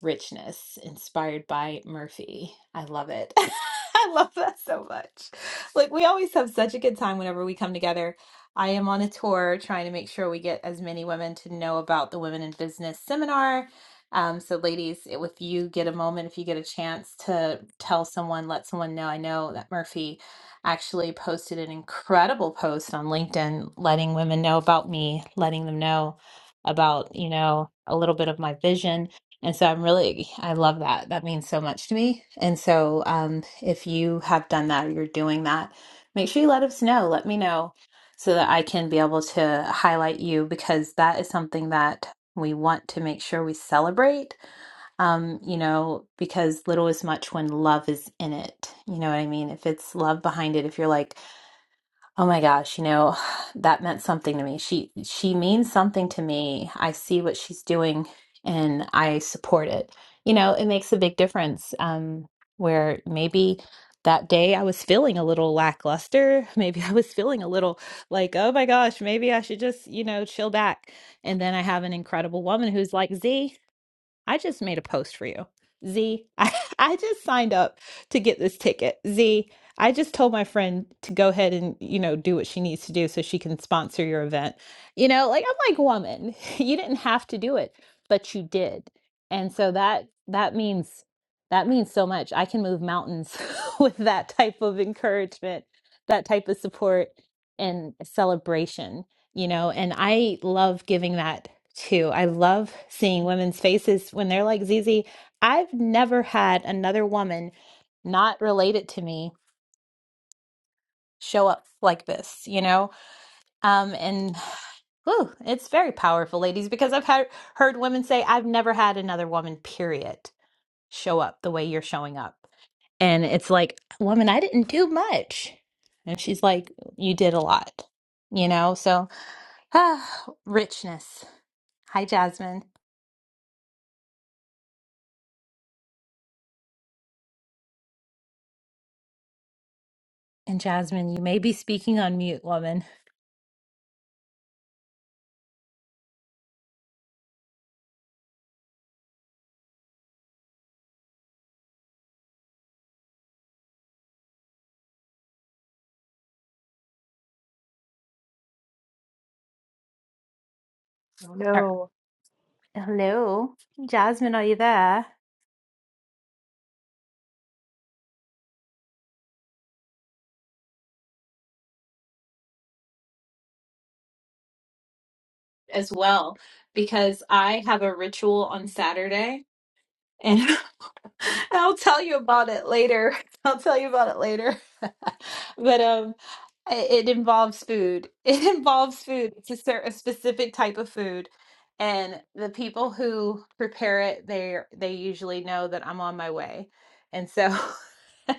richness inspired by Murphy. I love it. I love that so much. Like, we always have such a good time whenever we come together. I am on a tour trying to make sure we get as many women to know about the Women in Business seminar. Um, so, ladies, if you get a moment, if you get a chance to tell someone, let someone know. I know that Murphy actually posted an incredible post on LinkedIn letting women know about me, letting them know about, you know, a little bit of my vision. And so I'm really, I love that. That means so much to me. And so um, if you have done that or you're doing that, make sure you let us know. Let me know so that I can be able to highlight you because that is something that we want to make sure we celebrate um, you know, because little is much when love is in it. You know what I mean? If it's love behind it, if you're like, oh my gosh, you know, that meant something to me. She she means something to me. I see what she's doing and I support it. You know, it makes a big difference. Um, where maybe that day I was feeling a little lackluster. Maybe I was feeling a little like, oh my gosh, maybe I should just, you know, chill back. And then I have an incredible woman who's like, Z. I just made a post for you. Z, I, I just signed up to get this ticket. Z, I just told my friend to go ahead and, you know, do what she needs to do so she can sponsor your event. You know, like I'm like, woman, you didn't have to do it, but you did. And so that that means that means so much. I can move mountains with that type of encouragement, that type of support and celebration, you know, and I love giving that too. I love seeing women's faces when they're like Zizi. I've never had another woman not related to me show up like this, you know? Um, and whew, it's very powerful, ladies, because I've had, heard women say, I've never had another woman, period, show up the way you're showing up. And it's like, woman, I didn't do much. And she's like, you did a lot, you know? So, ah, richness. Hi, Jasmine. And Jasmine, you may be speaking on mute, woman.
Oh
Er,
no,
Hello. Jasmine, are you there? As well, because I have a ritual on Saturday And. I'll tell you about it later. I'll tell you about it later. But um, i- it involves food. It involves food. It's a, cer- a specific type of food, and the people who prepare it, they are they usually know that I'm on my way, and so.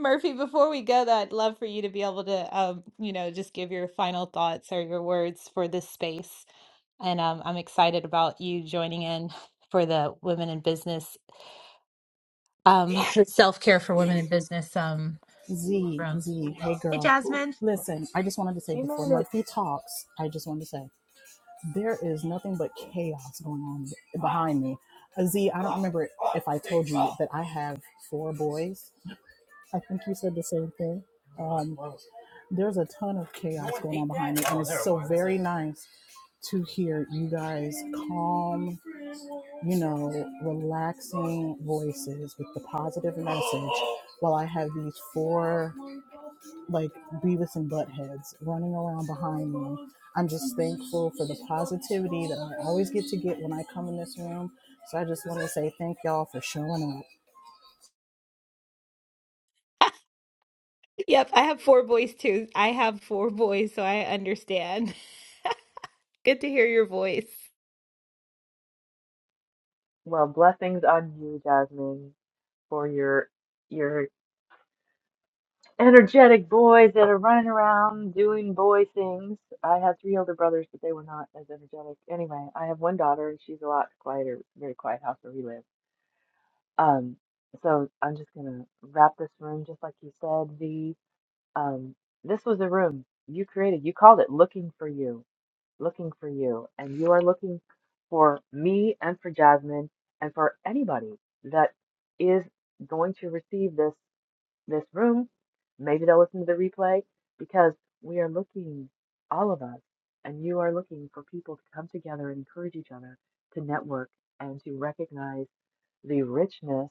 Murphy, before we go, though, I'd love for you to be able to, um, you know, just give your final thoughts or your words for this space. And um, I'm excited about you joining in for the Women in Business um self care for women in business um
Z,
room.
Z, hey
Hey
girl.
Jasmine.
Listen, I just wanted to say
she
before
made it.
Murphy talks, I just wanted to say there is nothing but chaos going on behind me. Uh, Z, I don't remember if I told you that I have four boys. I think you said the same thing. Um, there's a ton of chaos going on behind me, and it's so very nice to hear you guys calm, you know, relaxing voices with the positive message while I have these four like Beavis and Buttheads running around behind me. I'm just thankful for the positivity that I always get to get when I come in this room. So I just want to say thank y'all for showing up.
Yep, I have four boys too. I have four boys, so I understand. Good to hear your voice.
Well, blessings on you, Jasmine. for your your energetic boys that are running around doing boy things. I had three older brothers, but they were not as energetic. Anyway, I have one daughter, and she's a lot quieter, very quiet house where we live. Um, so I'm just gonna wrap this room just like you said. The um, this was a room you created. You called it "Looking for You," looking for you, and you are looking for me and for Jasmine and for anybody that is going to receive this this room. Maybe they'll listen to the replay because we are looking, all of us, and you are looking for people to come together and encourage each other to network and to recognize the richness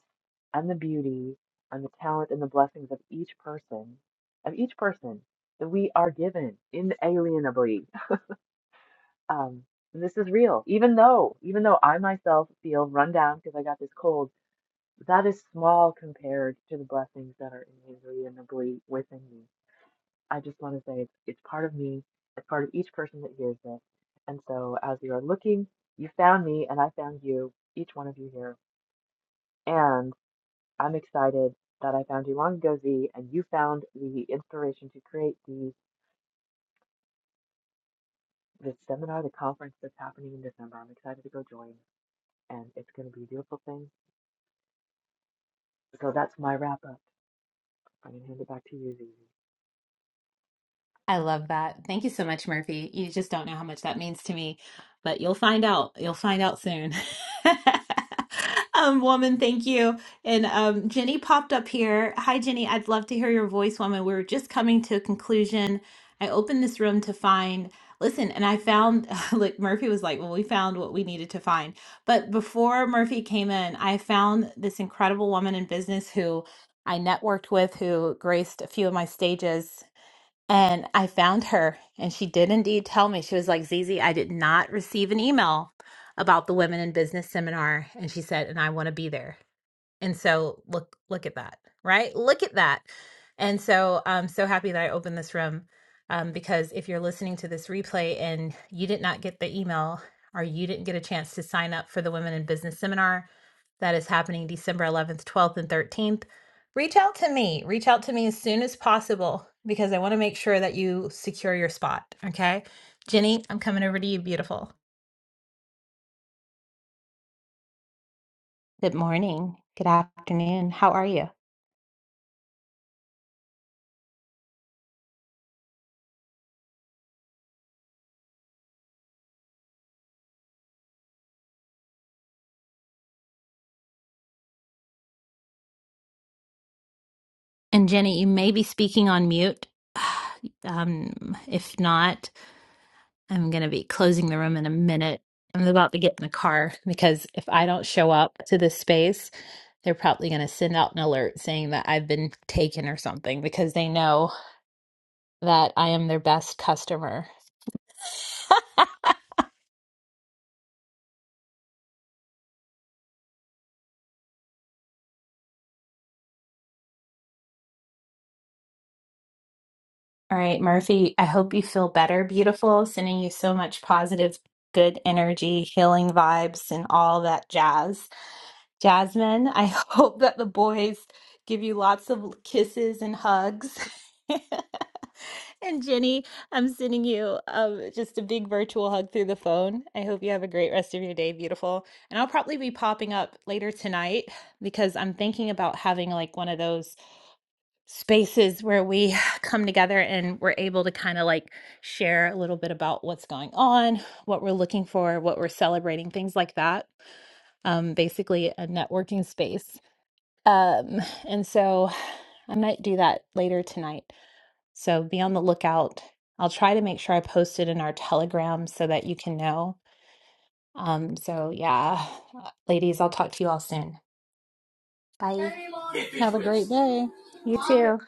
and the beauty and the talent and the blessings of each person, of each person that we are given inalienably. Um, this is real, even though, even though I myself feel run down because I got this cold that is small compared to the blessings that are inalienably within me. I just want to say it's, it's part of me, it's part of each person that hears this. And so as you are looking, you found me and I found you, each one of you here. And I'm excited that I found you long ago, Z, and you found the inspiration to create the the seminar, the conference that's happening in December. I'm excited to go join and it's gonna be a beautiful thing. So that's my wrap up. I'm gonna hand it back to you, Z.
I love that. Thank you so much, Murphy. You just don't know how much that means to me, but you'll find out. You'll find out soon. um, woman, thank you. And um, Jenny popped up here. Hi, Jenny. I'd love to hear your voice, woman. We were just coming to a conclusion. I opened this room to find, listen, and I found, like, Murphy was like, well, we found what we needed to find. But before Murphy came in, I found this incredible woman in business who I networked with, who graced a few of my stages and I found her, and she did indeed tell me. She was like, Zizi, I did not receive an email about the Women in Business seminar. And she said, and I want to be there. And so look, look at that, right? Look at that. And so I'm so happy that I opened this room um, because if you're listening to this replay and you did not get the email or you didn't get a chance to sign up for the Women in Business seminar, that is happening December 11th, 12th, and 13th. Reach out to me. Reach out to me as soon as possible because I want to make sure that you secure your spot. Okay. Jenny, I'm coming over to you, beautiful. Good morning. Good afternoon. How are you? And Jenny, you may be speaking on mute. Um, if not, I'm going to be closing the room in a minute. I'm about to get in the car because if I don't show up to this space, they're probably going to send out an alert saying that I've been taken or something because they know that I am their best customer. All right, Murphy, I hope you feel better, beautiful. Sending you so much positive, good energy, healing vibes, and all that jazz. Jasmine, I hope that the boys give you lots of kisses and hugs. and Jenny, I'm sending you um, just a big virtual hug through the phone. I hope you have a great rest of your day, beautiful. And I'll probably be popping up later tonight because I'm thinking about having like one of those spaces where we come together and we're able to kind of like share a little bit about what's going on, what we're looking for, what we're celebrating, things like that um, basically a networking space. Um, and so I might do that later tonight. So be on the lookout. I'll try to make sure I post it in our Telegram so that you can know. Um, so yeah, uh, ladies, I'll talk to you all soon. Bye. You too.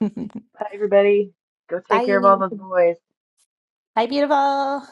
Hi, everybody. Go take
Bye.
care of all those boys.
Bye, beautiful.